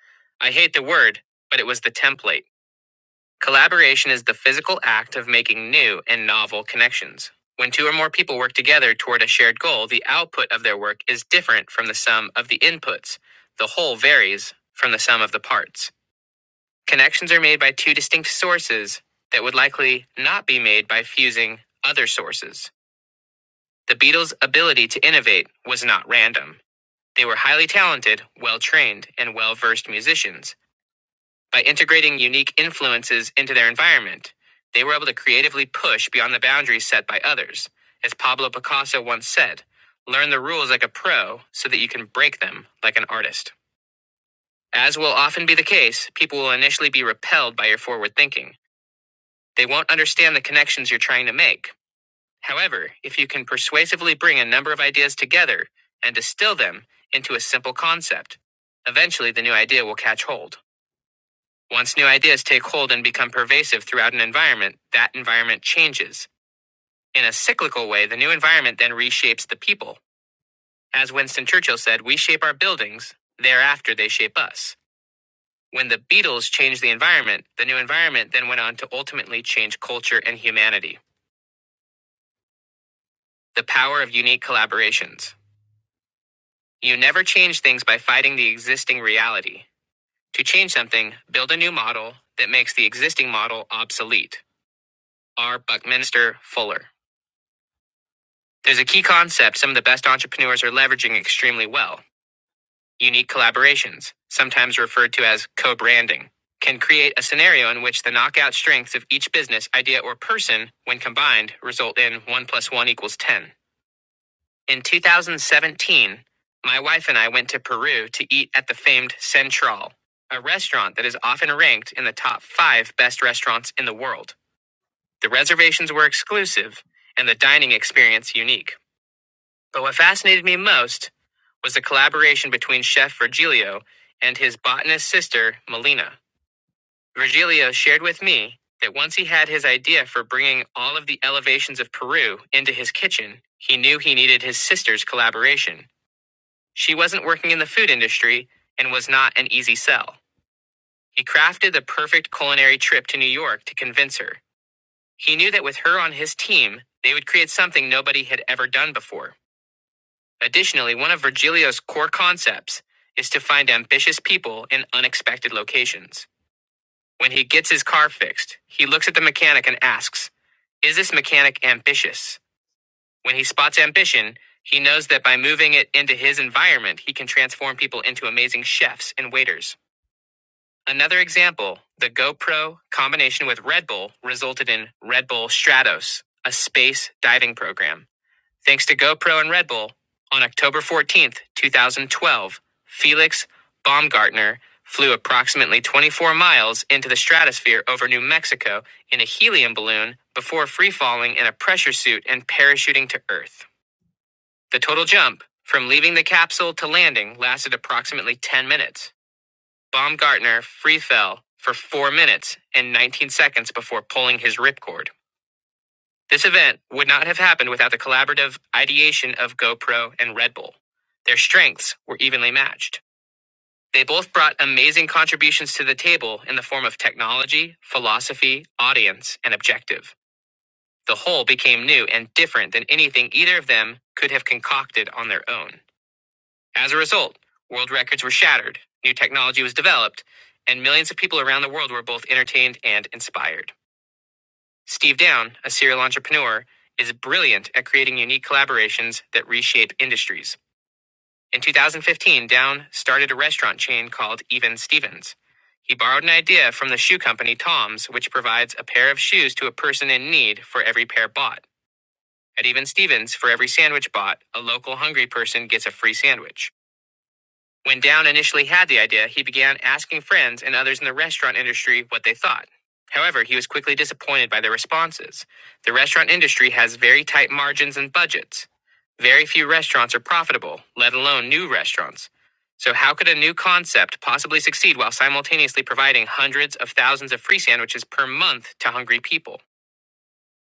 [SPEAKER 1] I hate the word, but it was the template. Collaboration is the physical act of making new and novel connections. When two or more people work together toward a shared goal, the output of their work is different from the sum of the inputs. The whole varies from the sum of the parts. Connections are made by two distinct sources that would likely not be made by fusing other sources. The Beatles' ability to innovate was not random. They were highly talented, well trained, and well versed musicians by integrating unique influences into their environment, they were able to creatively push beyond the boundaries set by others. As Pablo Picasso once said, learn the rules like a pro so that you can break them like an artist. As will often be the case, people will initially be repelled by your forward thinking. They won't understand the connections you're trying to make. However, if you can persuasively bring a number of ideas together and distill them into a simple concept, eventually the new idea will catch hold. Once new ideas take hold and become pervasive throughout an environment, that environment changes. In a cyclical way, the new environment then reshapes the people. As Winston Churchill said, we shape our buildings, thereafter they shape us. When the Beatles changed the environment, the new environment then went on to ultimately change culture and humanity. The power of unique collaborations. You never change things by fighting the existing reality. To change something, build a new model that makes the existing model obsolete. R. Buckminster Fuller. There's a key concept some of the best entrepreneurs are leveraging extremely well. Unique collaborations, sometimes referred to as co branding, can create a scenario in which the knockout strengths of each business, idea, or person, when combined, result in 1 plus 1 equals 10. In 2017, my wife and I went to Peru to eat at the famed Central, a restaurant that is often ranked in the top five best restaurants in the world. The reservations were exclusive and the dining experience unique. But what fascinated me most was the collaboration between Chef Virgilio and his botanist sister, Melina. Virgilio shared with me that once he had his idea for bringing all of the elevations of Peru into his kitchen, he knew he needed his sister's collaboration. She wasn't working in the food industry and was not an easy sell. He crafted the perfect culinary trip to New York to convince her. He knew that with her on his team, they would create something nobody had ever done before. Additionally, one of Virgilio's core concepts is to find ambitious people in unexpected locations. When he gets his car fixed, he looks at the mechanic and asks, Is this mechanic ambitious? When he spots ambition, he knows that by moving it into his environment, he can transform people into amazing chefs and waiters. Another example the GoPro combination with Red Bull resulted in Red Bull Stratos, a space diving program. Thanks to GoPro and Red Bull, on October 14th, 2012, Felix Baumgartner flew approximately 24 miles into the stratosphere over New Mexico in a helium balloon before free falling in a pressure suit and parachuting to Earth. The total jump from leaving the capsule to landing lasted approximately 10 minutes. Baumgartner free fell for 4 minutes and 19 seconds before pulling his ripcord. This event would not have happened without the collaborative ideation of GoPro and Red Bull. Their strengths were evenly matched. They both brought amazing contributions to the table in the form of technology, philosophy, audience, and objective. The whole became new and different than anything either of them could have concocted on their own. As a result, world records were shattered, new technology was developed, and millions of people around the world were both entertained and inspired. Steve Down, a serial entrepreneur, is brilliant at creating unique collaborations that reshape industries. In 2015, Down started a restaurant chain called Even Stevens. He borrowed an idea from the shoe company Tom's, which provides a pair of shoes to a person in need for every pair bought. At Even Stevens, for every sandwich bought, a local hungry person gets a free sandwich. When Down initially had the idea, he began asking friends and others in the restaurant industry what they thought. However, he was quickly disappointed by their responses. The restaurant industry has very tight margins and budgets. Very few restaurants are profitable, let alone new restaurants. So, how could a new concept possibly succeed while simultaneously providing hundreds of thousands of free sandwiches per month to hungry people?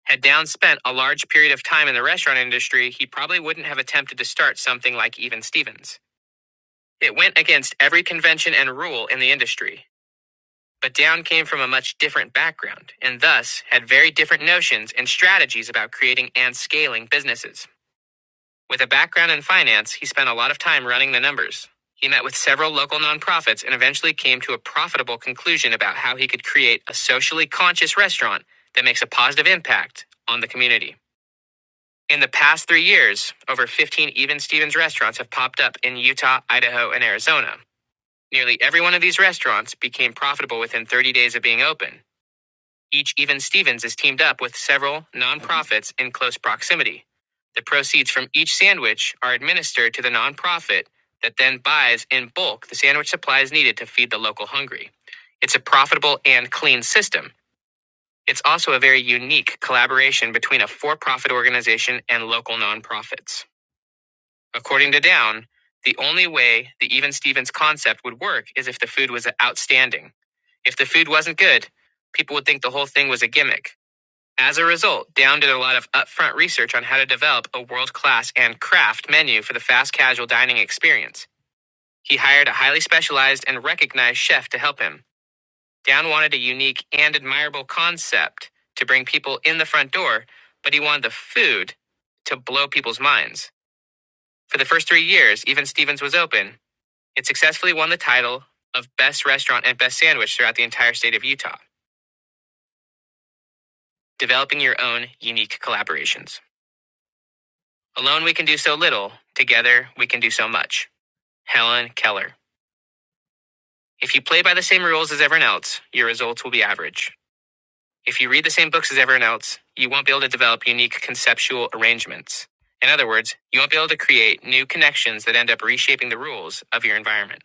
[SPEAKER 1] Had Down spent a large period of time in the restaurant industry, he probably wouldn't have attempted to start something like Even Stevens. It went against every convention and rule in the industry. But Down came from a much different background and thus had very different notions and strategies about creating and scaling businesses. With a background in finance, he spent a lot of time running the numbers. He met with several local nonprofits and eventually came to a profitable conclusion about how he could create a socially conscious restaurant that makes a positive impact on the community. In the past three years, over 15 Even Stevens restaurants have popped up in Utah, Idaho, and Arizona. Nearly every one of these restaurants became profitable within 30 days of being open. Each even Stevens is teamed up with several nonprofits in close proximity. The proceeds from each sandwich are administered to the nonprofit that then buys in bulk the sandwich supplies needed to feed the local hungry. It's a profitable and clean system. It's also a very unique collaboration between a for profit organization and local nonprofits. According to Down, the only way the even Stevens concept would work is if the food was outstanding. If the food wasn't good, people would think the whole thing was a gimmick. As a result, Down did a lot of upfront research on how to develop a world class and craft menu for the fast casual dining experience. He hired a highly specialized and recognized chef to help him. Down wanted a unique and admirable concept to bring people in the front door, but he wanted the food to blow people's minds. For the first three years, Even Stevens was open. It successfully won the title of Best Restaurant and Best Sandwich throughout the entire state of Utah, developing your own unique collaborations. Alone, we can do so little. Together, we can do so much. Helen Keller. If you play by the same rules as everyone else, your results will be average. If you read the same books as everyone else, you won't be able to develop unique conceptual arrangements. In other words, you won't be able to create new connections that end up reshaping the rules of your environment.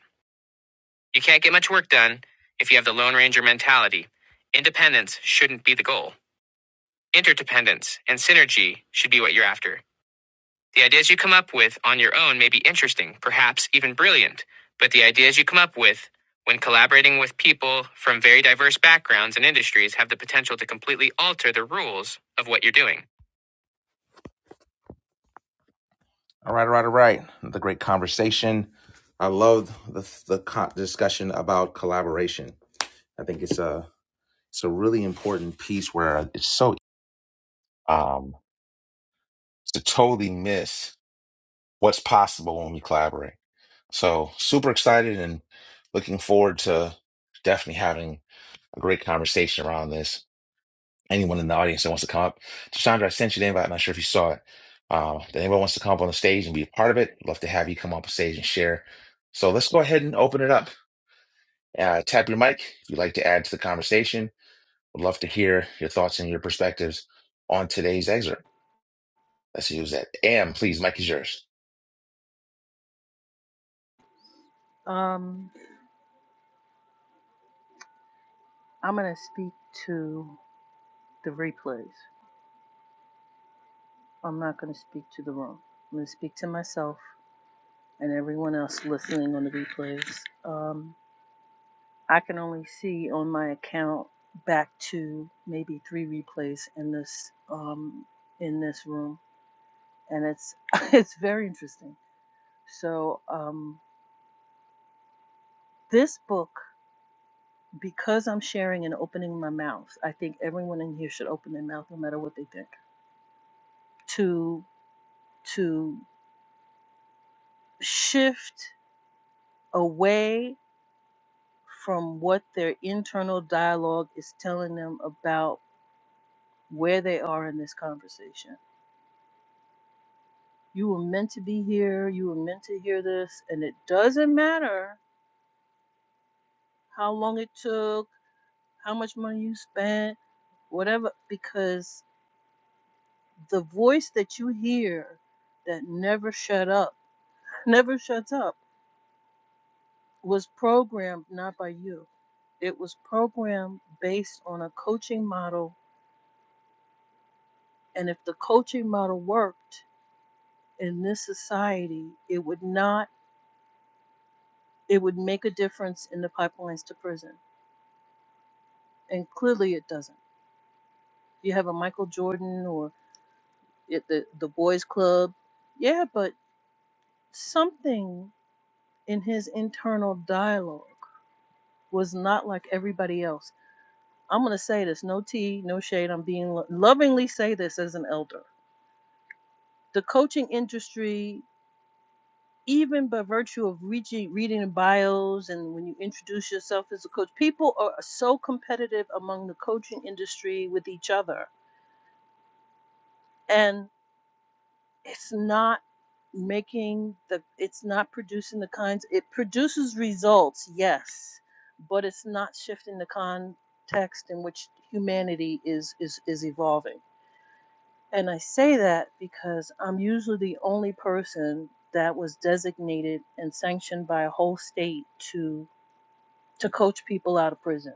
[SPEAKER 1] You can't get much work done if you have the Lone Ranger mentality. Independence shouldn't be the goal. Interdependence and synergy should be what you're after. The ideas you come up with on your own may be interesting, perhaps even brilliant, but the ideas you come up with when collaborating with people from very diverse backgrounds and industries have the potential to completely alter the rules of what you're doing. All right, all right, all right. The great conversation. I love the the discussion about collaboration. I think it's a It's a really important piece where it's so um to totally miss what's possible when we collaborate. So super excited and looking forward to definitely having a great conversation around this. Anyone in the audience that wants to come up, Chandra, I sent you the invite. I'm not sure if you saw it. Um, if anyone wants to come up on the stage and be a part of it, love to have you come up on stage and share. So let's go ahead and open it up. Uh, tap your mic if you'd like to add to the conversation. Would love to hear your thoughts and your perspectives on today's excerpt. Let's use that. Am, please, Mike is yours.
[SPEAKER 8] Um, I'm gonna speak to the replays. I'm not gonna speak to the room. I'm gonna speak to myself. and everyone else listening on the replays. Um, I can only see on my account back to maybe three replays in this um, in this room, and it's it's very interesting. So um, this book, because I'm sharing and opening my mouth, I think everyone in here should open their mouth, no matter what they think, to to shift away from what their internal dialogue is telling them about where they are in this conversation. You were meant to be here. You were meant to hear this. And it doesn't matter how long it took, how much money you spent, whatever, because the voice that you hear that never shut up, never shuts up, was programmed not by you. It was programmed based on a coaching model. And if the coaching model worked in this society, it would not, it would make a difference in the pipelines to prison and clearly it doesn't. You have a Michael Jordan or it, the the Boys Club, yeah, but something in his internal dialogue was not like everybody else. I'm gonna say this, no tea, no shade. I'm being lo- lovingly say this as an elder. The coaching industry, even by virtue of reaching, reading bios and when you introduce yourself as a coach, people are so competitive among the coaching industry with each other. and it's not making the it's not producing the kinds it produces results yes but it's not shifting the context in which humanity is is is evolving and i say that because i'm usually the only person that was designated and sanctioned by a whole state to to coach people out of prison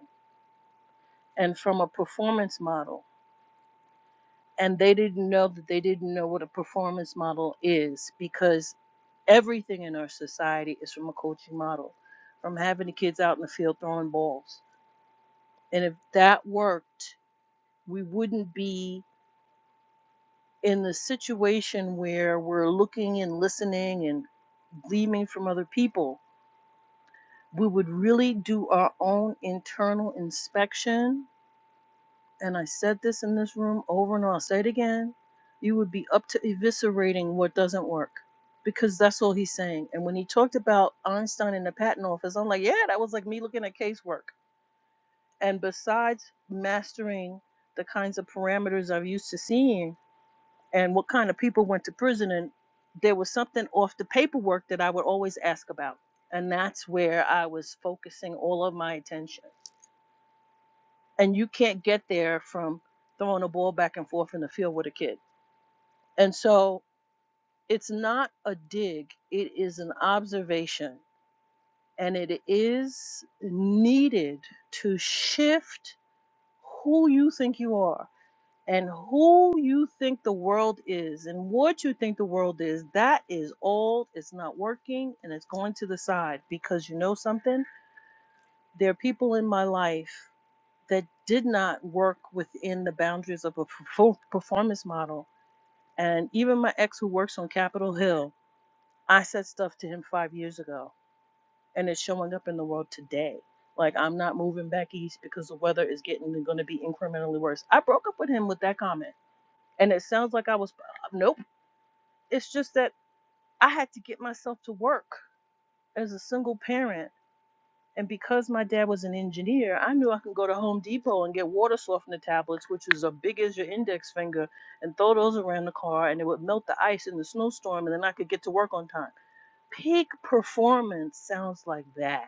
[SPEAKER 8] and from a performance model and they didn't know that they didn't know what a performance model is because everything in our society is from a coaching model, from having the kids out in the field throwing balls. And if that worked, we wouldn't be in the situation where we're looking and listening and gleaming from other people. We would really do our own internal inspection and I said this in this room over and over, I'll say it again, you would be up to eviscerating what doesn't work because that's all he's saying. And when he talked about Einstein in the patent office, I'm like, yeah, that was like me looking at casework. And besides mastering the kinds of parameters I'm used to seeing and what kind of people went to prison, and there was something off the paperwork that I would always ask about. And that's where I was focusing all of my attention and you can't get there from throwing a ball back and forth in the field with a kid. And so it's not a dig, it is an observation, and it is needed to shift who you think you are and who you think the world is and what you think the world is. That is old, it's not working, and it's going to the side because you know something? There are people in my life that did not work within the boundaries of a perfor- performance model. And even my ex, who works on Capitol Hill, I said stuff to him five years ago, and it's showing up in the world today. Like, I'm not moving back east because the weather is getting going to be incrementally worse. I broke up with him with that comment. And it sounds like I was, uh, nope. It's just that I had to get myself to work as a single parent And because my dad was an engineer, I knew I could go to Home Depot and get water softener tablets, which is as big as your index finger, and throw those around the car, and it would melt the ice in the snowstorm, and then I could get to work on time. Peak performance sounds like that.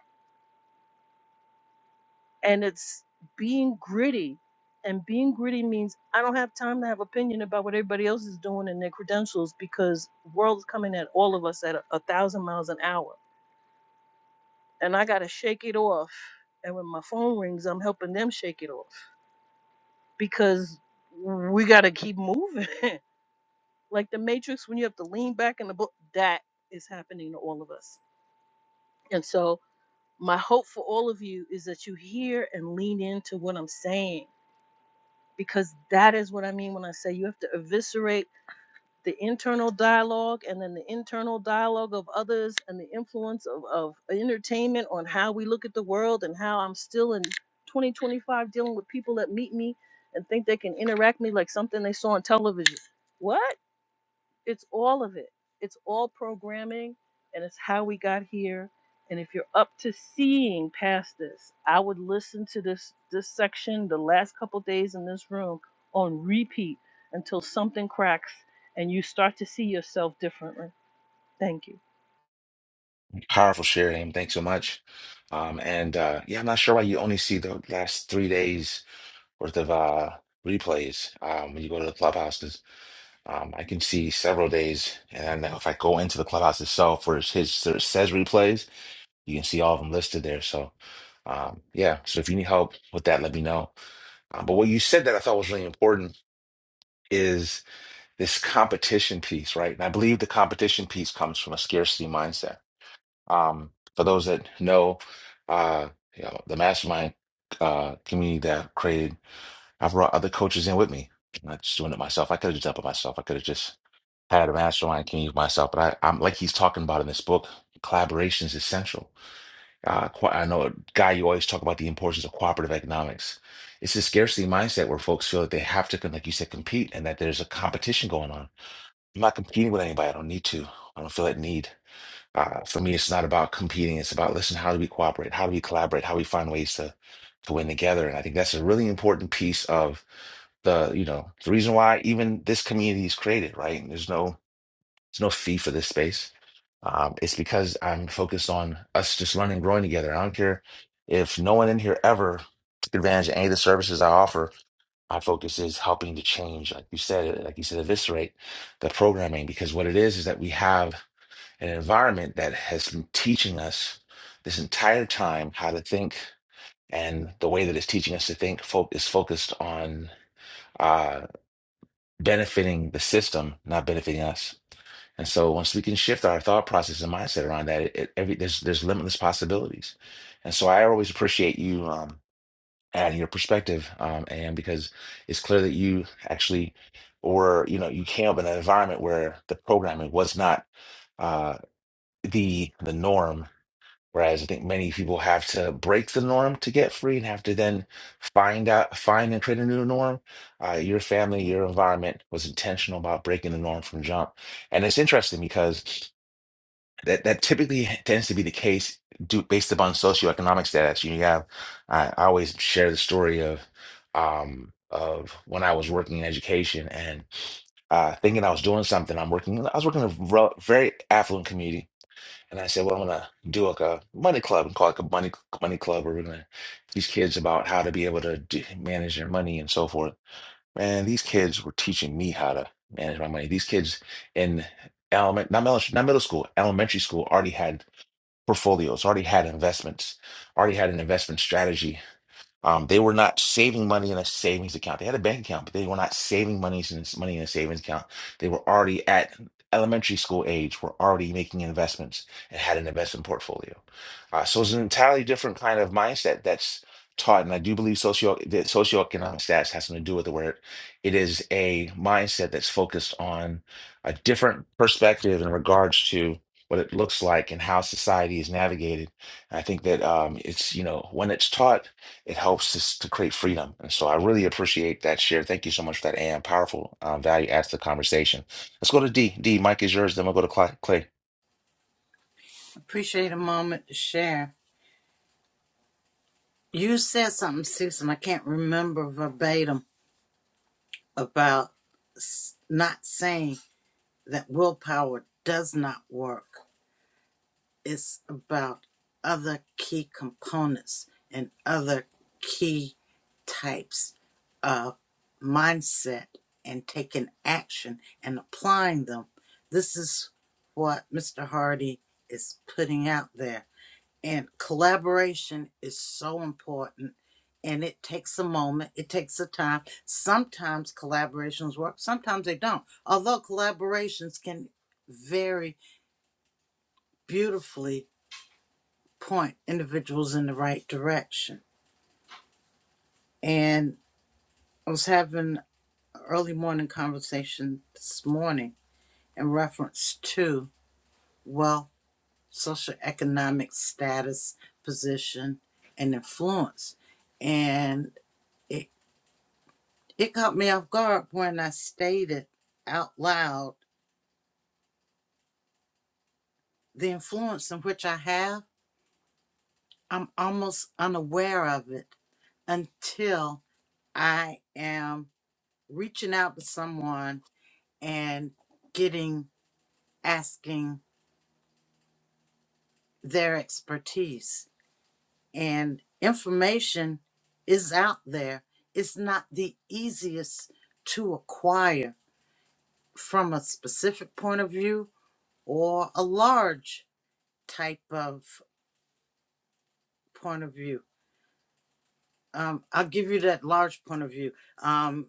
[SPEAKER 8] And it's being gritty. And being gritty means I don't have time to have opinion about what everybody else is doing and their credentials because the world's coming at all of us at a, a thousand miles an hour. And I got to shake it off. And when my phone rings, I'm helping them shake it off because we got to keep moving. like the Matrix, when you have to lean back in the book, that is happening to all of us. And so, my hope for all of you is that you hear and lean into what I'm saying because that is what I mean when I say you have to eviscerate the internal dialogue and then the internal dialogue of others and the influence of, of entertainment on how we look at the world and how I'm still in 2025 dealing with people that meet me and think they can interact me like something they saw on television. What? it's all of it. It's all programming and it's how we got here. And if you're up to seeing past this, I would listen to this this section the last couple days in this room on repeat until something cracks and you start to see yourself differently. Thank you.
[SPEAKER 1] Powerful share, Am. Thanks so much. Um, and uh, yeah, I'm not sure why you only see the last three days worth of uh, replays um, when you go to the clubhouses. Um, I can see several days, and I know if I go into the clubhouse itself where it's his it says replays, you can see all of them listed there. So um, yeah, so if you need help with that, let me know. Um, but what you said that I thought was really important is this competition piece, right? And I believe the competition piece comes from a scarcity mindset Um, for those that know, uh, you know, the mastermind uh, community that I've created, I've brought other coaches in with me. I'm not just doing it myself. I could have just done it myself. I could have just had a mastermind community myself. But I, I'm like he's talking about in this book, collaboration is essential. Uh, co- I know, Guy, you always talk about the importance of cooperative economics. It's a scarcity mindset where folks feel that they have to, like you said, compete and that there's a competition going on. I'm not competing with anybody. I don't need to. I don't feel that need. Uh, for me, it's not about competing. It's about, listen, how do we cooperate? How do we collaborate? How do we find ways to, to win together? And I think that's a really important piece of the, you know, the reason why even this community is created, right? There's no, there's no fee for this space. Um, it's because I'm focused on us just learning and growing together. I don't care if no one in here ever took advantage of any of the services I offer. My focus is helping to change, like you said, like you said, eviscerate the programming because what it is is that we have an environment that has been teaching us this entire time how to think and the way that it's teaching us to think fo- is focused on uh, benefiting the system not benefiting us and so once we can shift our thought process and mindset around that it, it- every there's there's limitless possibilities and so i always appreciate you um adding your perspective um and because it's clear that you actually were you know you came up in an environment where the programming was not uh the the norm Whereas I think many people have to break the norm to get free and have to then find out, find and create a new norm. Uh, your family, your environment was intentional about breaking the norm from jump. And it's interesting because that, that typically tends to be the case due, based upon socioeconomic status. You have, I, I always share the story of, um, of when I was working in education and uh, thinking I was doing something. I'm working, I was working in a rel- very affluent community and I said, well, I'm gonna do like a money club and call it like a money money club, where we're gonna teach kids about how to be able to do, manage their money and so forth. Man, these kids were teaching me how to manage my money. These kids in element, not middle, not middle school, elementary school, already had portfolios, already had investments, already had an investment strategy um, they were not saving money in a savings account. They had a bank account, but they were not saving money in money in a savings account. They were already at elementary school age, were already making investments and had an investment portfolio. Uh, so it's an entirely different kind of mindset that's taught. And I do believe socio that socioeconomic status has something to do with the word. It is a mindset that's focused on a different perspective in regards to what it looks like and how society is navigated. And I think that um, it's, you know, when it's taught it helps us to create freedom. And so I really appreciate that share. Thank you so much for that and powerful um, value adds to the conversation. Let's go to D. D, Mike is yours. Then we'll go to Cla- Clay.
[SPEAKER 2] Appreciate a moment to share. You said something, Cecil. I can't remember verbatim about not saying that willpower does not work. it's about other key components and other key types of mindset and taking action and applying them. This is what Mr. Hardy is putting out there. And collaboration is so important and it takes a moment, it takes a time. Sometimes collaborations work, sometimes they don't. Although collaborations can vary beautifully point individuals in the right direction. And I was having an early morning conversation this morning in reference to wealth, social economic status, position, and influence. And it, it caught me off guard when I stated out loud the influence in which I have. I'm almost unaware of it until I am reaching out to someone and getting asking their expertise and information is out there it's not the easiest to acquire from a specific point of view or a large type of point of view um, i'll give you that large point of view Um,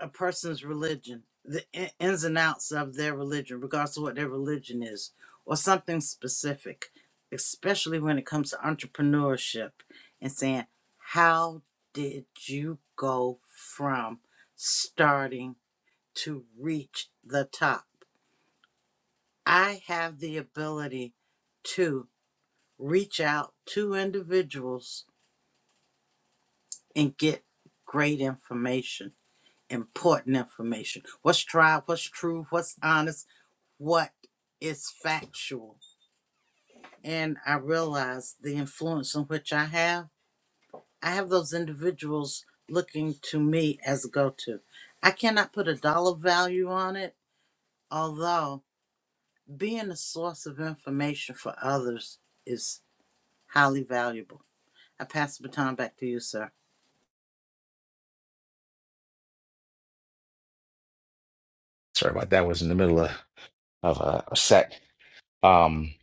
[SPEAKER 2] a person's religion, the in- ins and outs of their religion, regardless of what their religion is, or something specific, especially when it comes to entrepreneurship and saying, How did you go from starting to reach the top? I have the ability to reach out to individuals and get great information, important information. What's tried, what's true, what's honest, what is factual. And I realize the influence in which I have. I have those individuals looking to me as a go to. I cannot put a dollar value on it, although being a source of information for others is highly valuable. I pass the baton back to you, sir.
[SPEAKER 1] Sorry about that. I was in the middle of, of a, a set. Um,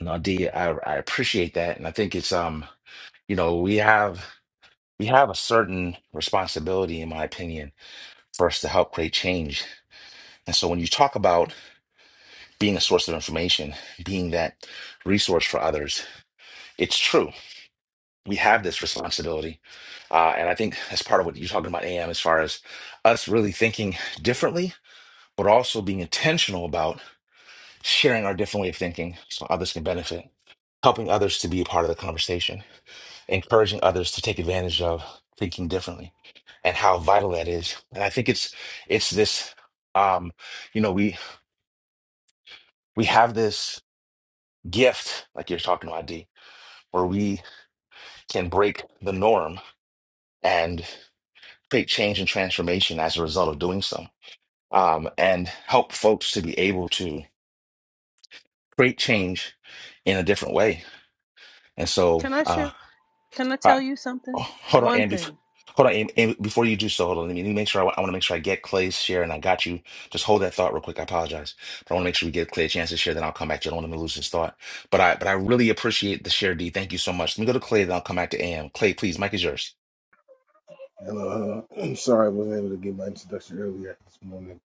[SPEAKER 1] no, D, I, I appreciate that. And I think it's, um, you know, we have, we have a certain responsibility, in my opinion, for us to help create change. And so when you talk about being a source of information, being that resource for others, it's true we have this responsibility. Uh, and I think that's part of what you're talking about, AM, as far as us really thinking differently, but also being intentional about sharing our different way of thinking so others can benefit, helping others to be a part of the conversation, encouraging others to take advantage of thinking differently and how vital that is. And I think it's it's this um, you know, we we have this gift, like you're talking about, D, where we can break the norm and. create change and transformation as a result of doing so, um, and help folks to be able to create change in a different way. And so,
[SPEAKER 8] Can I
[SPEAKER 1] uh,
[SPEAKER 8] share can I
[SPEAKER 1] I,
[SPEAKER 8] tell you
[SPEAKER 1] oh,
[SPEAKER 8] something?
[SPEAKER 1] hold on,
[SPEAKER 8] One
[SPEAKER 1] Andy.
[SPEAKER 8] thing.
[SPEAKER 1] Hold on, Amy, Amy, before you do so, hold on. Let me, let me make sure. I, want to make sure I get Clay's share, and I got you. Just hold that thought real quick. I apologize, but I want to make sure we get Clay a chance to share. Then I'll come back to. You. I don't want him to lose his thought. But I, but I really appreciate the share, D. Thank you so much. Let me go to Clay, then I'll come back to Am. Clay, please, Mike is yours.
[SPEAKER 11] Hello, hello. I'm sorry I wasn't able to give my introduction earlier this morning.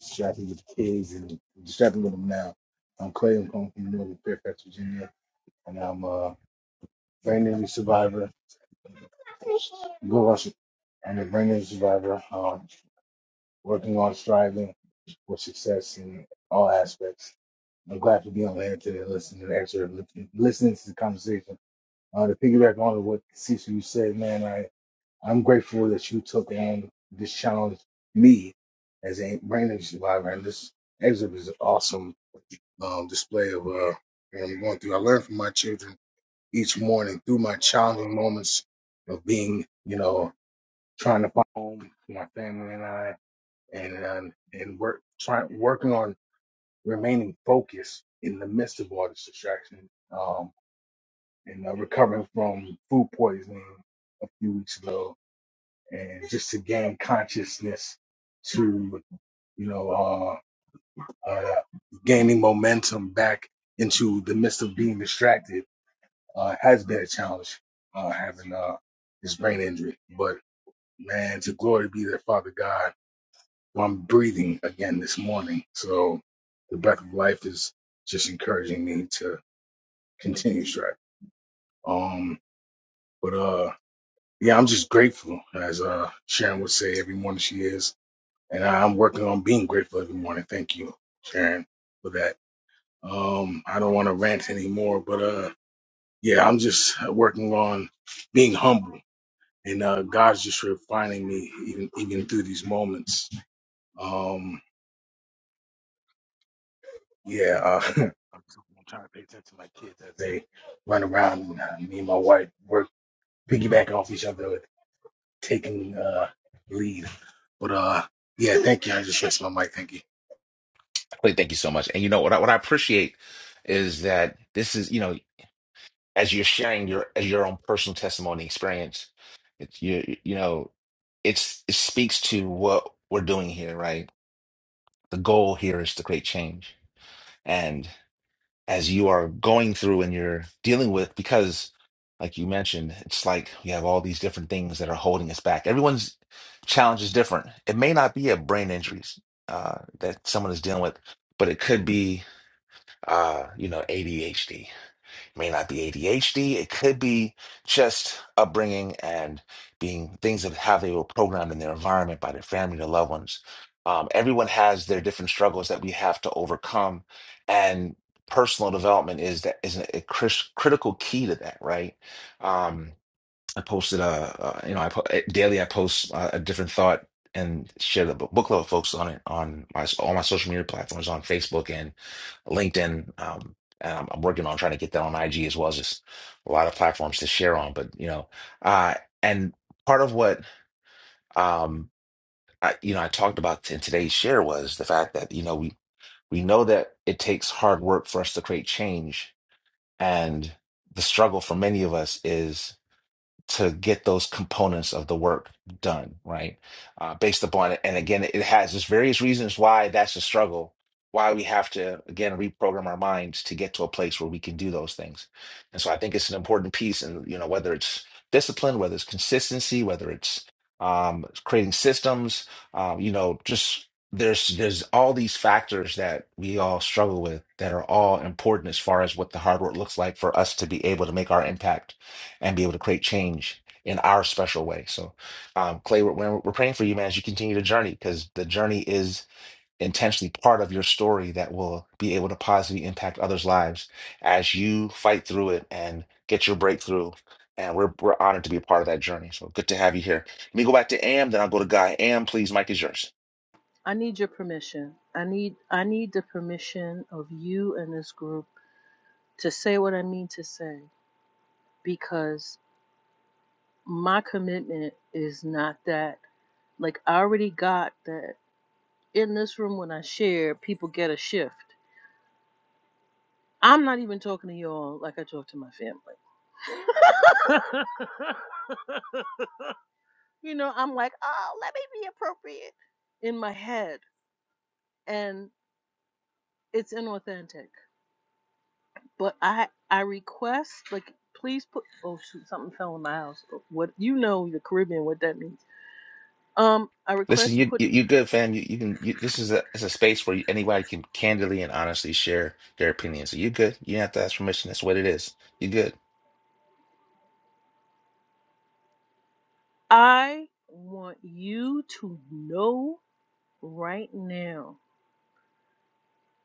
[SPEAKER 11] Distracted with the kids and distracted with them now. I'm Clay. I'm calling from Northern Fairfax, Virginia, and I'm a brain injury survivor. Go watch it. I'm a brain injury survivor, um, working on striving for success in all aspects. I'm glad to be on here today, listening to the answer, listening to the conversation. Uh, to piggyback on what Cecil you said, man, I'm grateful that you took on this challenge, me, as a brain survivor. And this exhibit is an awesome um, display of uh, what I'm going through. I learn from my children each morning through my challenging moments of being, you know, trying to find home for my family and I, and and, and work trying working on remaining focused in the midst of all this distraction. Um, and uh, recovering from food poisoning a few weeks ago and just to gain consciousness to you know uh, uh gaining momentum back into the midst of being distracted uh has been a challenge uh having uh this brain injury but man to glory be that father god well, i'm breathing again this morning so the breath of life is just encouraging me to continue striving um but uh yeah i'm just grateful as uh sharon would say every morning she is and I'm working on being grateful every morning. Thank you, Sharon, for that. Um, I don't want to rant anymore, but uh, yeah, I'm just working on being humble, and uh, God's just refining me even even through these moments. Um, yeah, uh, I'm trying to pay attention to my kids as they run around. and uh, Me and my wife work piggybacking off each other, with taking uh, lead. But uh, yeah, thank you. I just rest my mic. Thank you.
[SPEAKER 1] Clay, thank you so much. And you know what? I, what I appreciate is that this is you know as you're sharing your as your own personal testimony experience it's you you know it's it speaks to what we're doing here right the goal here is to create change and as you are going through and you're dealing with because like you mentioned it's like we have all these different things that are holding us back everyone's challenge is different it may not be a brain injuries uh, that someone is dealing with but it could be uh, you know adhd it may not be ADHD. It could be just upbringing and being things of how they were programmed in their environment by their family, their loved ones. Um, everyone has their different struggles that we have to overcome, and personal development is that is a, cris- critical key to that, right? Um, I posted uh, uh you know I po- eh, daily I post uh, a different thought and share the book, book club with folks on it on my all my social media platforms on Facebook and LinkedIn. Um, and I'm, I'm working on trying to get that on IG as well. It's just a lot of platforms to share on, but you know, uh, and part of what um I, you know I talked about in today's share was the fact that you know we we know that it takes hard work for us to create change, and the struggle for many of us is to get those components of the work done, right? Uh, based upon it. And again, it has just various reasons why that's a struggle, why we have to, again, reprogram our minds to get to a place where we can do those things. And so I think it's an important piece. And, you know, whether it's discipline, whether it's consistency, whether it's um, creating systems, um, you know, just there's there's all these factors that we all struggle with that are all important as far as what the hard work looks like for us to be able to make our impact and be able to create change in our special way. So, um, Clay, we're, we're we're praying for you, man, as you continue the journey, because the journey is intentionally part of your story that will be able to positively impact others' lives as you fight through it and get your breakthrough. And we're, we're honored to be a part of that journey. So good to have you here. Let me go back to Am, then I'll go to Guy. Am, please, Mike is yours.
[SPEAKER 8] I need your permission. I need I need the permission of you and this group to say what I mean to say because my commitment is not that like I already got that in this room when I share, people get a shift. I'm not even talking to y'all like I talk to my family. you know, I'm like, oh, let me be appropriate in my head, and it's inauthentic. But I I request like please put oh shoot something fell in my house. What you know the Caribbean what that means. Um, I
[SPEAKER 1] Listen,
[SPEAKER 8] request you
[SPEAKER 1] you
[SPEAKER 8] put
[SPEAKER 1] you, you good, fam. You, you can. You, this is a it's a space where anybody can candidly and honestly share their opinions. So you good. You don't have to ask permission. That's what it is. You good.
[SPEAKER 8] I want you to know right now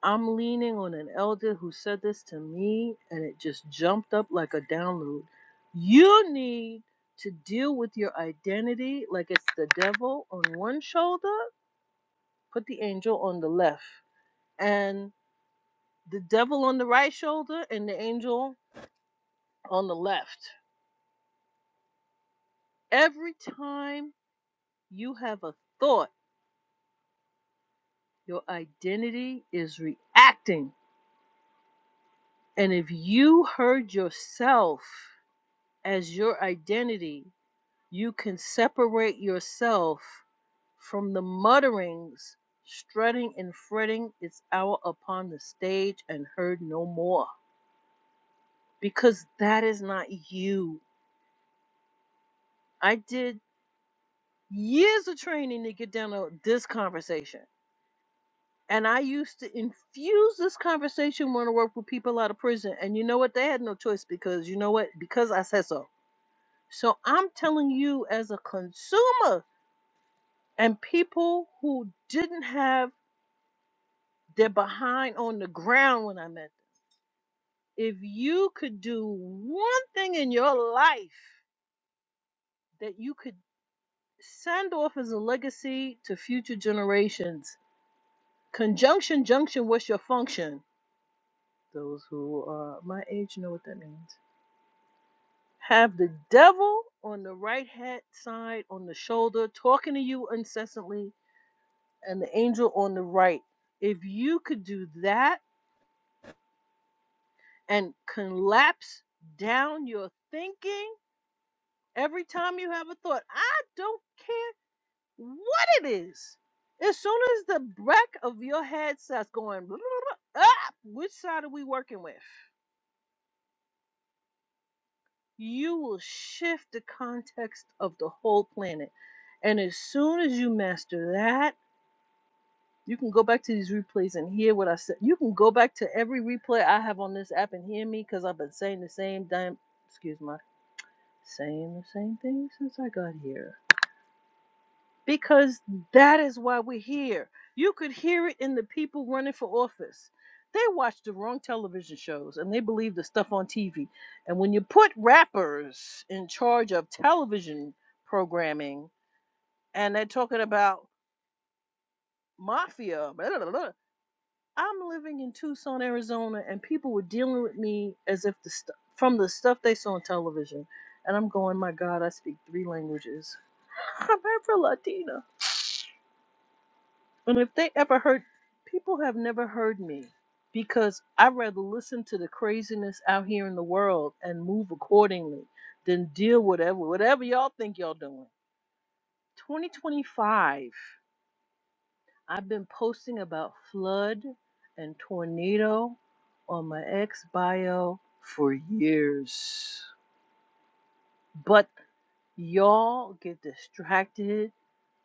[SPEAKER 8] I'm leaning on an elder who said this to me, and it just jumped up like a download. You need to deal with your identity like it's the devil on one shoulder, put the angel on the left, and the devil on the right shoulder, and the angel on the left. Every time you have a thought, your identity is reacting. And if you heard yourself as your identity, You can separate yourself from the mutterings, strutting and fretting is out upon the stage and heard no more. Because that is not you. I did years of training to get down to this conversation. And I used to infuse this conversation when I worked with people out of prison. And you know what? They had no choice because you know what? Because I said so. So I'm telling you, as a consumer and people who didn't have They're behind on the ground when I met them. If you could do one thing in your life that you could send off as a legacy to future generations, conjunction junction, what's your function? Those who are my age know what that means. Have the devil on the right hand side, on the shoulder, talking to you incessantly, and the angel on the right. If you could do that and collapse down your thinking, Every time you have a thought, I don't care what it is. As soon as the back of your head starts going, up, which side are we working with? You will shift the context of the whole planet. And as soon as you master that, you can go back to these replays and hear what I said. You can go back to every replay I have on this app and hear me because I've been saying the same damn, excuse my, saying the same thing since I got here. because that is why we're here. You could hear it in the people running for office. They watch the wrong television shows and they believe the stuff on TV. And when you put rappers in charge of television programming and they're talking about mafia, blah, blah, blah, I'm living in Tucson, Arizona, and people were dealing with me as if the stuff from the stuff they saw on television. And I'm going, my God, I speak three languages. I'm Afro Latina. And if they ever heard, people have never heard me because I rather listen to the craziness out here in the world and move accordingly than deal whatever whatever y'all think y'all doing. 2025. I've been posting about flood and tornado on my ex bio for years. But y'all get distracted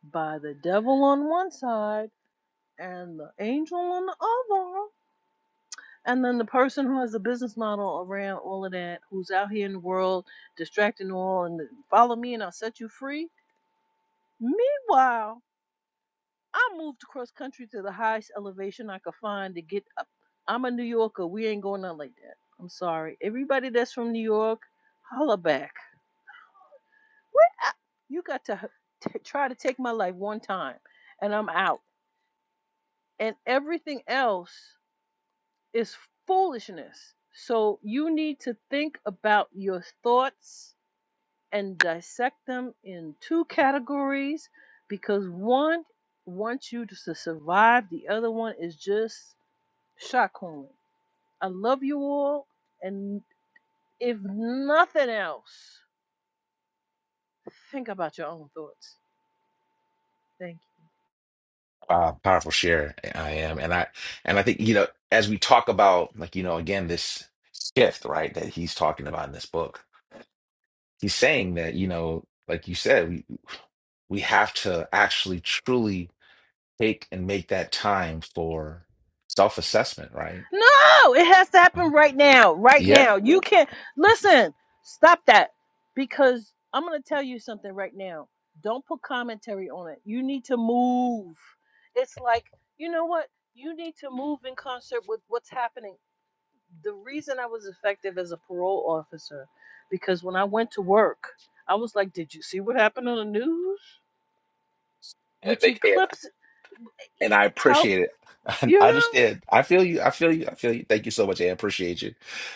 [SPEAKER 8] by the devil on one side and the angel on the other And then the person who has the business model around all of that, who's out here in the world distracting all and follow me and I'll set you free. Meanwhile, I moved across country to the highest elevation I could find to get up. I'm a New Yorker. We ain't going out like that. I'm sorry. Everybody that's from New York, holla back. What? I- You got to h- t- try to take my life one time and I'm out. And everything else is foolishness. So you need to think about your thoughts and dissect them in two categories because one wants you to survive, the other one is just shock hormone. I love you all, and if nothing else, think about your own thoughts. Thank you.
[SPEAKER 1] uh, powerful share I am, and I and I think you know as we talk about like you know again this shift right that he's talking about in this book, he's saying that you know like you said we we have to actually truly take and make that time for self assessment, right?
[SPEAKER 8] No, it has to happen
[SPEAKER 1] Mhm.
[SPEAKER 8] right now. Right
[SPEAKER 1] Yeah,
[SPEAKER 8] now. You can't listen. Stop that. Because I'm going to tell you something right now. Don't put commentary on it. You need to move. It's like, you know what? You need to move in concert with what's happening. The reason I was effective as a parole officer because when I went to work, I was like, "Did you see what happened on the news?"
[SPEAKER 1] yeah,
[SPEAKER 8] Which
[SPEAKER 1] they can.
[SPEAKER 8] Eclipse
[SPEAKER 1] and I
[SPEAKER 8] tell
[SPEAKER 1] appreciate it.
[SPEAKER 8] you
[SPEAKER 1] I
[SPEAKER 8] know
[SPEAKER 1] understand. I feel you. I feel you. I feel you. Thank you so much. I appreciate you.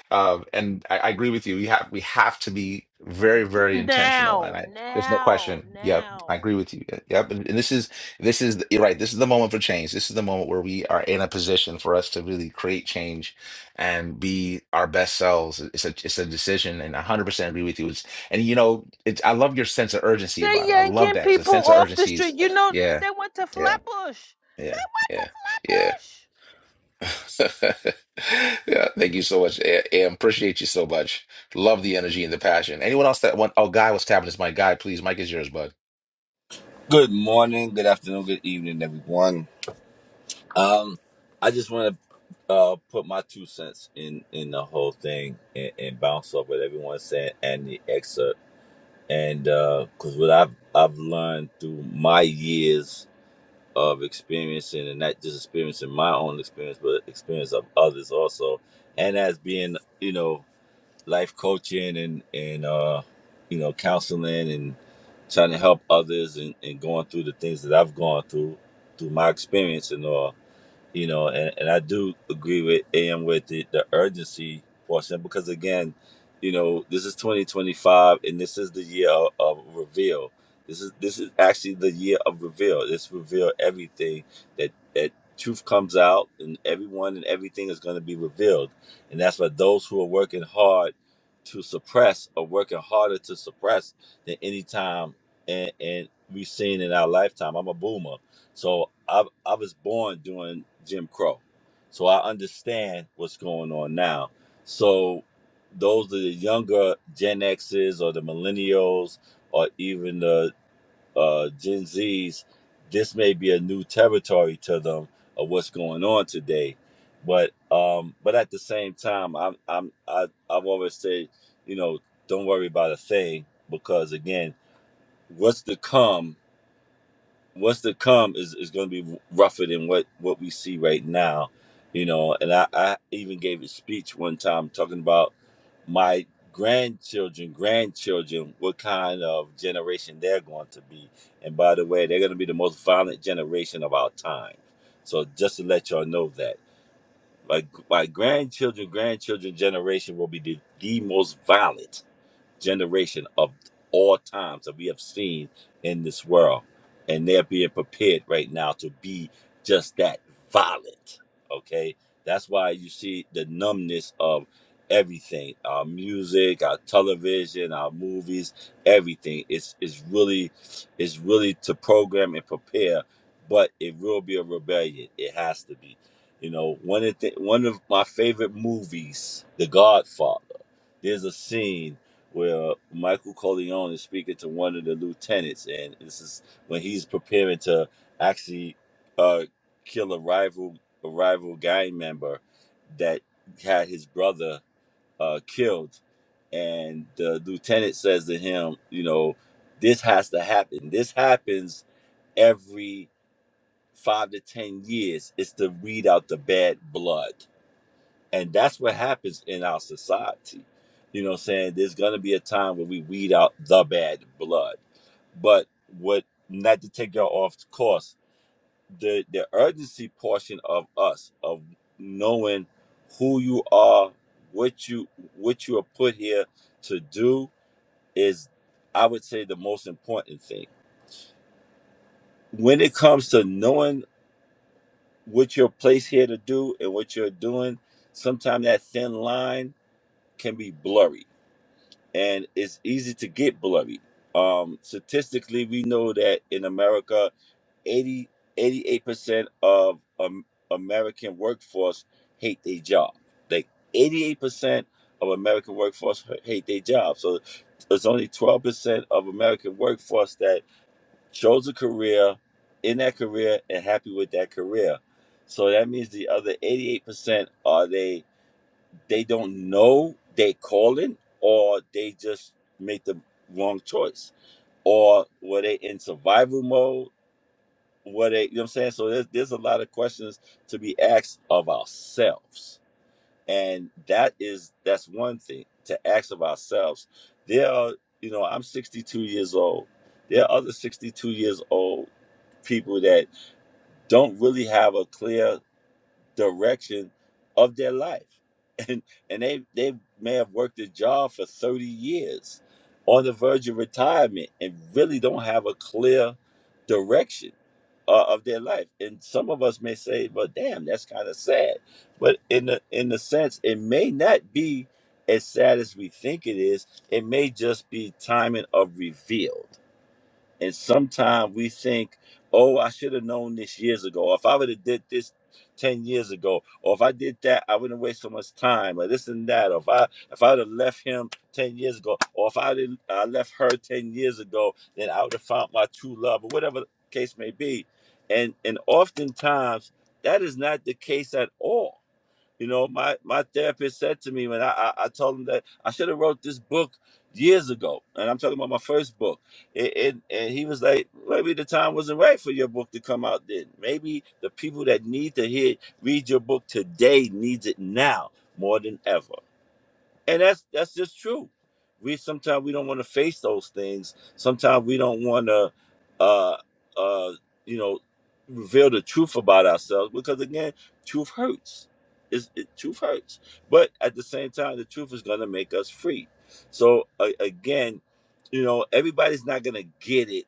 [SPEAKER 1] Um, and I, I agree with you. We have we have to be very
[SPEAKER 8] D-
[SPEAKER 1] very intentional. And
[SPEAKER 8] now,
[SPEAKER 1] I there's no
[SPEAKER 8] now,
[SPEAKER 1] question. Yep, I
[SPEAKER 8] now.
[SPEAKER 1] agree with you. Yep. yep. And, and this is this is you're right. This is the moment for change. This is the moment where we are in a position for us to really create change and be our best selves. It's a it's a decision, and I 100 percent agree with you. It's, and you know, it's I love your sense of urgency
[SPEAKER 8] They're
[SPEAKER 1] about it. I love
[SPEAKER 8] yanking
[SPEAKER 1] that because the
[SPEAKER 8] people
[SPEAKER 1] sense of
[SPEAKER 8] off the
[SPEAKER 1] urgency is
[SPEAKER 8] street. You know,
[SPEAKER 1] yeah.
[SPEAKER 8] they went to
[SPEAKER 1] yeah.
[SPEAKER 8] Flatbush.
[SPEAKER 1] Yeah,
[SPEAKER 8] They went to
[SPEAKER 1] yeah, yeah.
[SPEAKER 8] Flatbush.
[SPEAKER 1] Yeah, thank you so much, A- Am. Appreciate you so much. Love the energy and the passion. Anyone else that want? Oh, Guy was tapping his mic. Guy, please, Mike is yours, bud.
[SPEAKER 12] Good morning, good afternoon, good evening, everyone. Um, I just want to uh, put my two cents in in the whole thing and, and bounce off what everyone's saying and the excerpt. And because what I've I've learned through my years of experiencing, and not just experiencing my own experience, but experience of others also, and as being you know life coaching and and uh, you know counseling and trying to help others and, and going through the things that I've gone through through my experience and all you know, and, and I do agree with AM with the, the urgency portion because again, you know, this is 2025 and this is the year of, of reveal. This is this is actually the year of reveal. This reveal everything that that truth comes out and everyone and everything is going to be revealed. And that's why those who are working hard to suppress are working harder to suppress than any time and and we've seen in our lifetime. I'm a boomer. So I I was born during Jim Crow. So I understand what's going on now. So those are the younger Gen X's or the millennials or even the uh, Gen Z's, this may be a new territory to them of what's going on today. But um, but at the same time, I'm I'm I, I've always said, you know, don't worry about a thing because again, what's to come what's to come is, is going to be rougher than what what we see right now you know and I, I even gave a speech one time talking about my grandchildren grandchildren what kind of generation they're going to be and by the way they're going to be the most violent generation of our time so just to let y'all know that my, my grandchildren grandchildren generation will be the, the most violent generation of all times that we have seen in this world. And they're being prepared right now to be just that violent. Okay. That's why you see the numbness of everything our music, our television, our movies, everything. It's, it's really it's really to program and prepare, but it will be a rebellion. It has to be. You know, one of the, one of my favorite movies, The Godfather. There's a scene where Michael Corleone is speaking to one of the lieutenants, and this is when he's preparing to actually uh, kill a rival a rival gang member that had his brother uh, killed, and the lieutenant says to him, you know, this has to happen. This happens every five to ten years. It's to weed out the bad blood and that's what happens in our society. You know what I'm saying? There's going to be a time where we weed out the bad blood. But what, not to take y'all off course, the, the urgency portion of us, of knowing who you are, what you, what you are put here to do is, I would say, the most important thing. When it comes to knowing what you're placed here to do and what you're doing, sometimes that thin line can be blurry and it's easy to get bloody. Um, statistically, we know that in America, 80, 88% of um, American workforce hate their job. Like 88% of American workforce h- hate their job. So it's only 12% of American workforce that chose a career in that career and happy with that career. So that means the other 88% are they they don't know they calling or they just make the wrong choice or were they in survival mode were they you know what i'm saying so there's, there's a lot of questions to be asked of ourselves and that is that's one thing to ask of ourselves there are you know i'm 62 years old there are other 62 years old people that don't really have a clear direction of their life. And and they they may have worked a job for 30 years on the verge of retirement and really don't have a clear direction uh, of their life. And some of us may say, well damn, that's kind of sad. But in the in the sense it may not be as sad as we think it is. It may just be timing of reveal. And sometimes we think, oh, I should have known this years ago. Or if I would have did this 10 years ago, or if I did that, I wouldn't waste so much time, or this and that. Or if I if I would have left him 10 years ago, or if I didn't I left her 10 years ago, then I would have found my true love, or whatever the case may be. And and oftentimes that is not the case at all you know, my my therapist said to me when I I, I told him that I should have wrote this book years ago, and I'm talking about my first book. It, it and he was like, maybe the time wasn't right for your book to come out then. Maybe the people that need to hear read your book today needs it now more than ever and that's that's just true. We sometimes we don't want to face those things. Sometimes we don't want to, uh, uh, you know, reveal the truth about ourselves because again, truth hurts. It's, it truth hurts, but at the same time, the truth is going to make us free. So a again, you know, everybody's not going to get it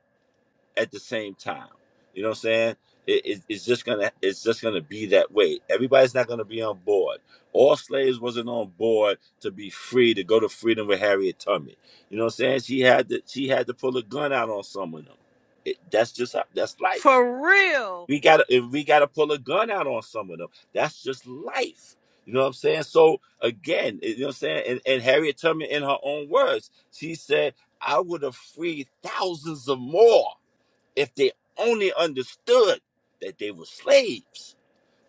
[SPEAKER 12] at the same time. You know what I'm saying? It, it, it's just gonna it's just gonna be that way. Everybody's not gonna be on board. All slaves wasn't on board to be free to go to freedom with Harriet Tubman. You know what I'm saying? She had to she had to pull a gun out on some of them. It, that's just how, that's life.
[SPEAKER 8] For real.
[SPEAKER 12] We gotta if we gotta pull a gun out on some of them. That's just life. You know what I'm saying? So again, you know what I'm saying? And, and Harriet Tubman, in her own words, she said, "I would have freed thousands of more." if they only understood that they were slaves.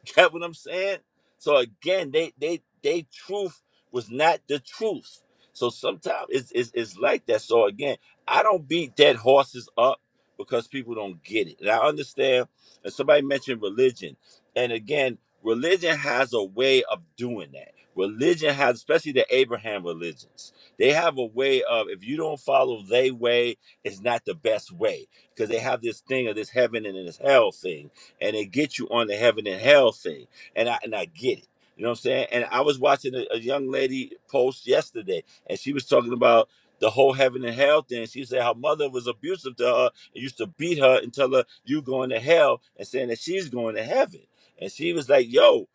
[SPEAKER 12] Get what I'm saying? So again, they they they truth was not the truth. So sometimes it's, it's it's like that. So again, I don't beat dead horses up because people don't get it. And I understand. And somebody mentioned religion, and again, religion has a way of doing that. Religion has, especially the Abraham religions, they have a way of if you don't follow their way, it's not the best way because they have this thing of this heaven and this hell thing and it gets you on the heaven and hell thing. And I and I get it. You know what I'm saying? And I was watching a, a young lady post yesterday, and she was talking about the whole heaven and hell thing. She said her mother was abusive to her and used to beat her and tell her you going to hell and saying that she's going to heaven. And she was like, "Yo,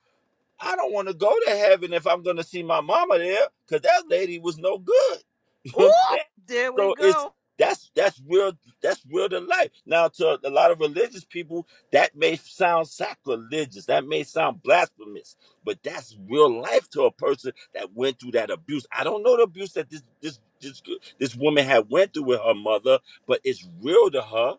[SPEAKER 12] I don't want to go to heaven if I'm going to see my mama there, because that lady was no good." You know what I'm saying?
[SPEAKER 8] Whoop! There we
[SPEAKER 12] so it's
[SPEAKER 8] go.
[SPEAKER 12] that's that's real that's real to life now to a lot of religious people that may sound sacrilegious that may sound blasphemous but that's real life to a person that went through that abuse i don't know the abuse that this this this, this woman had went through with her mother but it's real to her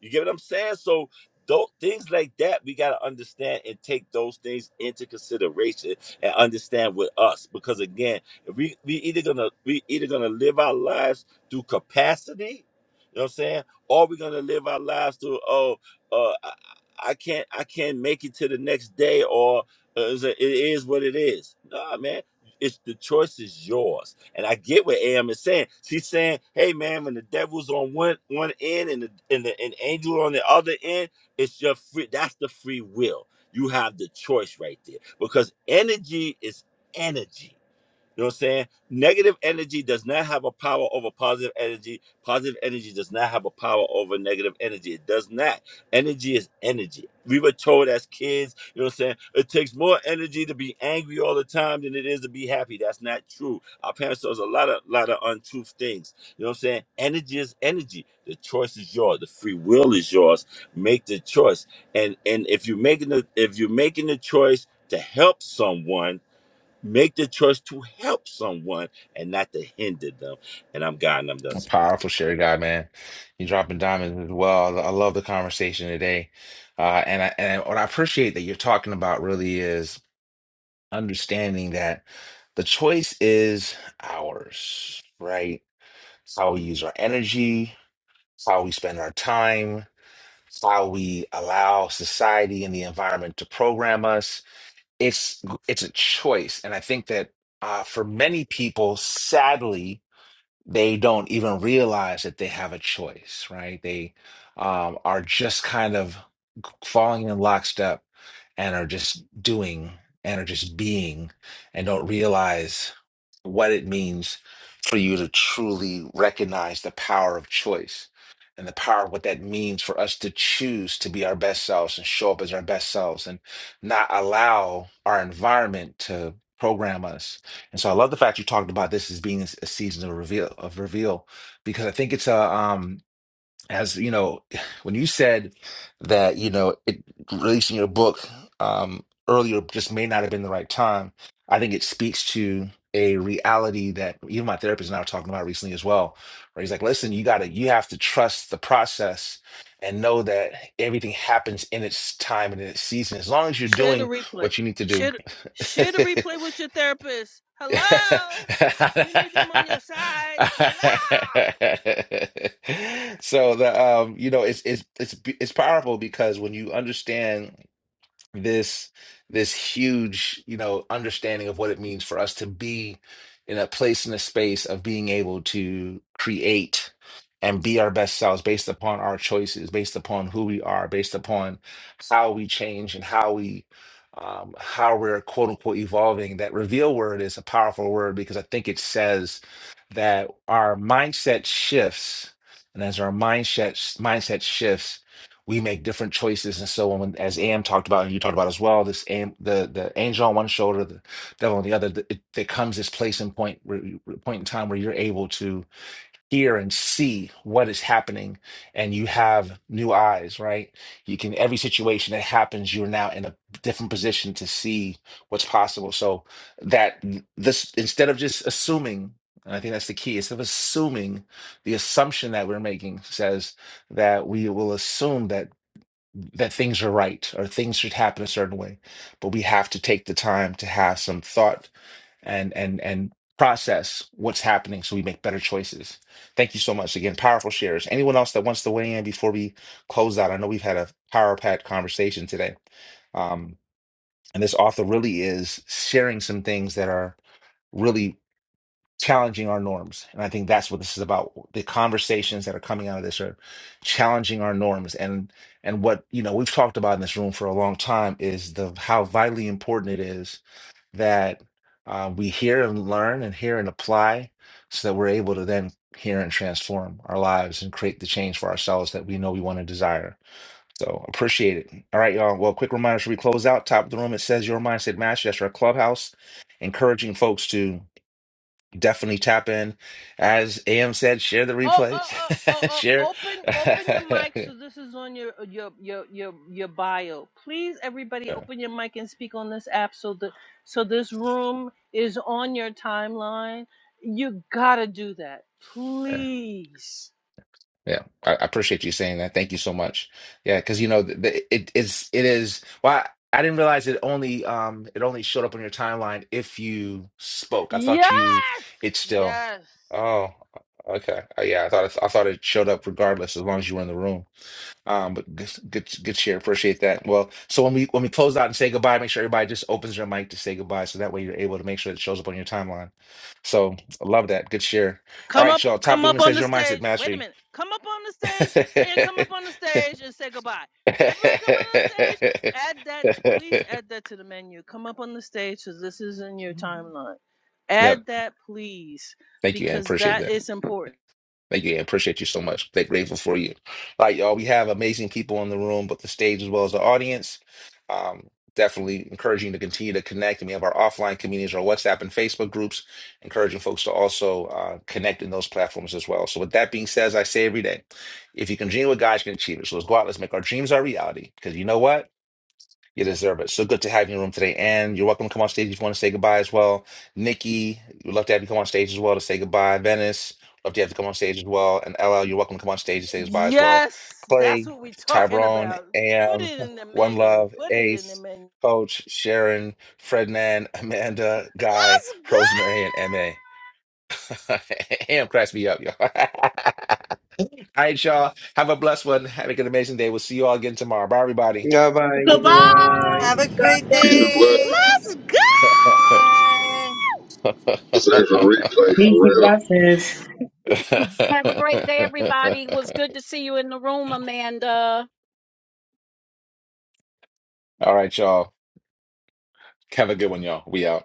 [SPEAKER 12] you get what i'm saying so tho- things like that we got to understand and take those things into consideration and understand with us because again if we we either gonna we either gonna live our lives through capacity? You know what I'm saying? Or are we gonna live our lives through, oh, uh, I, I can't, I can't make it to the next day, or uh, is it it is what it is. Nah, man, it's the choice is yours. And I get what Am is saying. She's saying, hey, man, when the devil's on one one end and the and the and angel on the other end, it's your free. That's the free will. You have the choice right there because energy is energy. You know what I'm saying? Negative energy does not have a power over positive energy. Positive energy does not have a power over negative energy. It does not. Energy is energy. We were told as kids, you know what I'm saying? It takes more energy to be angry all the time than it is to be happy. That's not true. Our parents told us a lot of lot of untruth things. You know what I'm saying? Energy is energy. The choice is yours. The free will is yours. Make the choice. And and if you're making the if you're making the choice to help someone Make the choice to help someone and not to hinder them. And I'm God and I'm done
[SPEAKER 1] A
[SPEAKER 12] speaking.
[SPEAKER 1] powerful share guy, man. You dropping diamonds as well. I love the conversation today, uh, and I and what I appreciate that you're talking about really is understanding that the choice is ours, right? It's how we use our energy, it's how we spend our time how we allow society and the environment to program us. It's it's a choice, and I think that uh, for many people, sadly, they don't even realize that they have a choice, right? They um, are just kind of falling in lockstep and are just doing and are just being and don't realize what it means for you to truly recognize the power of choice and the power of what that means for us to choose to be our best selves and show up as our best selves and not allow our environment to program us and so I love the fact you talked about this as being a s- a season of reveal of reveal, because I think it's a um as you know, when you said that, you know, it releasing your book um earlier just may not have been the right time, I think it speaks to a reality that even my therapist and I were talking about recently as well, where he's like, listen, you gotta you have to trust the process and know that everything happens in its time and in its season. As long as you're
[SPEAKER 8] Share the
[SPEAKER 1] doing
[SPEAKER 8] replay.
[SPEAKER 1] what you need to do
[SPEAKER 8] Share, share the replay with your therapist. Hello? You need them on your side. Hello?
[SPEAKER 1] So the um, you know, it's it's it's it's powerful because when you understand this this huge you know understanding of what it means for us to be in a place in a space of being able to create and be our best selves based upon our choices based upon who we are based upon how we change and how we um, how we're quote unquote evolving that reveal word is a powerful word because i think it says that our mindset shifts and as our mindset mindset shifts we make different choices and so on as am talked about and you talked about as well this am the the angel on one shoulder the devil on the other th- it, there comes this place and point where you- point in time where you're able to hear and see what is happening and you have new eyes right you can every situation that happens you're now in a different position to see what's possible so that this instead of just assuming and I think that's the key. Instead of assuming, the assumption that we're making says that we will assume that that things are right or things should happen a certain way but we have to take the time to have some thought and and and process what's happening so we make better choices thank you so much again powerful shares anyone else that wants to weigh in before we close out i know we've had a power packed conversation today um, and this author really is sharing some things that are really challenging our norms. And I think that's what this is about. The conversations that are coming out of this are challenging our norms. And and what you know we've talked about in this room for a long time is the how vitally important it is that uh, we hear and learn and hear and apply so that we're able to then hear and transform our lives and create the change for ourselves that we know we want to desire. So appreciate it. All right, y'all. Well, quick reminder, should we close out? Top of the room, it says your mindset master. That's our clubhouse, encouraging folks to definitely tap in. As AM said, share the
[SPEAKER 8] Oh, oh,
[SPEAKER 1] replays.
[SPEAKER 8] oh, oh,
[SPEAKER 1] share.
[SPEAKER 8] oh, open, open your
[SPEAKER 1] yeah,
[SPEAKER 8] mic. So this is on your, your, your, your, your bio. Please, everybody, open your mic and speak on this app. So the, so this room is on your timeline. You gotta do that,
[SPEAKER 1] yeah.
[SPEAKER 8] please.
[SPEAKER 1] yeah. I, I appreciate you saying that. Thank you so much. Yeah, because you know the, the, it is it is. Well, I, I didn't realize it only um it only showed up on your timeline if you spoke. I thought
[SPEAKER 8] Yes,
[SPEAKER 1] you it still.
[SPEAKER 8] yes.
[SPEAKER 1] Oh, okay. Uh, yeah, I thought it, I thought it showed up regardless as long as you were in the room. Um, but good, good, good share. Appreciate that. Well, so when we when we close out and say goodbye, make sure everybody just opens their mic to say goodbye, so that way you're able to make sure it shows up on your timeline. So I love that. Good share. All
[SPEAKER 8] Come up,
[SPEAKER 1] right, y'all. Top
[SPEAKER 8] come
[SPEAKER 1] Boomer
[SPEAKER 8] up on
[SPEAKER 1] says
[SPEAKER 8] the
[SPEAKER 1] your mindset
[SPEAKER 8] stage. Wait a
[SPEAKER 1] mastery.
[SPEAKER 8] minute. Come up on the stage and come up on the stage and say goodbye. Everybody come on the stage. Add that, t- please add that to the menu. Come up on the stage because this is in your timeline.
[SPEAKER 1] yep.
[SPEAKER 8] Add that, please,
[SPEAKER 1] Thank you, and
[SPEAKER 8] because
[SPEAKER 1] appreciate
[SPEAKER 8] that
[SPEAKER 1] that.
[SPEAKER 8] is important.
[SPEAKER 1] Thank you, and appreciate you so much. They're grateful for you. All right, y'all. We have amazing people in the room, but the stage as well as the audience. Um, definitely encouraging you to continue to connect. And we have our offline communities, our WhatsApp and Facebook groups, encouraging folks to also uh, connect in those platforms as well. So, with that being said, as I say every day, if you can dream what God you can achieve it. So let's go out, let's make our dreams our reality. Because you know what? You deserve it. So good to have you in the room today. And you're welcome to come on stage if you want to say goodbye as well. Nikki, we'd love to have you come on stage as well to say goodbye. Venice, love to have you come on stage as well. And LL, you're welcome to come on stage to say goodbye as well.
[SPEAKER 8] Yes, that's
[SPEAKER 1] Clay,
[SPEAKER 8] what we're talking
[SPEAKER 1] Tyrone,
[SPEAKER 8] about. Put
[SPEAKER 1] AM,
[SPEAKER 8] it in the
[SPEAKER 1] One
[SPEAKER 8] menu.
[SPEAKER 1] Love,
[SPEAKER 8] Put it in the
[SPEAKER 1] Ace,
[SPEAKER 8] menu.
[SPEAKER 1] Coach, Sharon, Frednan, Amanda, Guy,
[SPEAKER 8] Let's
[SPEAKER 1] Rosemary, and
[SPEAKER 8] go.
[SPEAKER 1] MA. AM cracks me up, y'all. All right, y'all. Have a blessed one. Have an amazing day. We'll see you all again tomorrow. Bye, everybody.
[SPEAKER 13] Yeah, bye
[SPEAKER 3] Goodbye.
[SPEAKER 13] everyone.
[SPEAKER 10] Have a great
[SPEAKER 14] Peace and
[SPEAKER 10] day.
[SPEAKER 14] blessings.
[SPEAKER 8] Let's go.
[SPEAKER 10] Bye.
[SPEAKER 1] All
[SPEAKER 14] This is a replay for
[SPEAKER 15] Listo,
[SPEAKER 14] real.
[SPEAKER 15] gracias.
[SPEAKER 5] Have a great day, everybody. It was good to see you in the room, Amanda.
[SPEAKER 1] right, y'all. Have a good one, y'all. We out.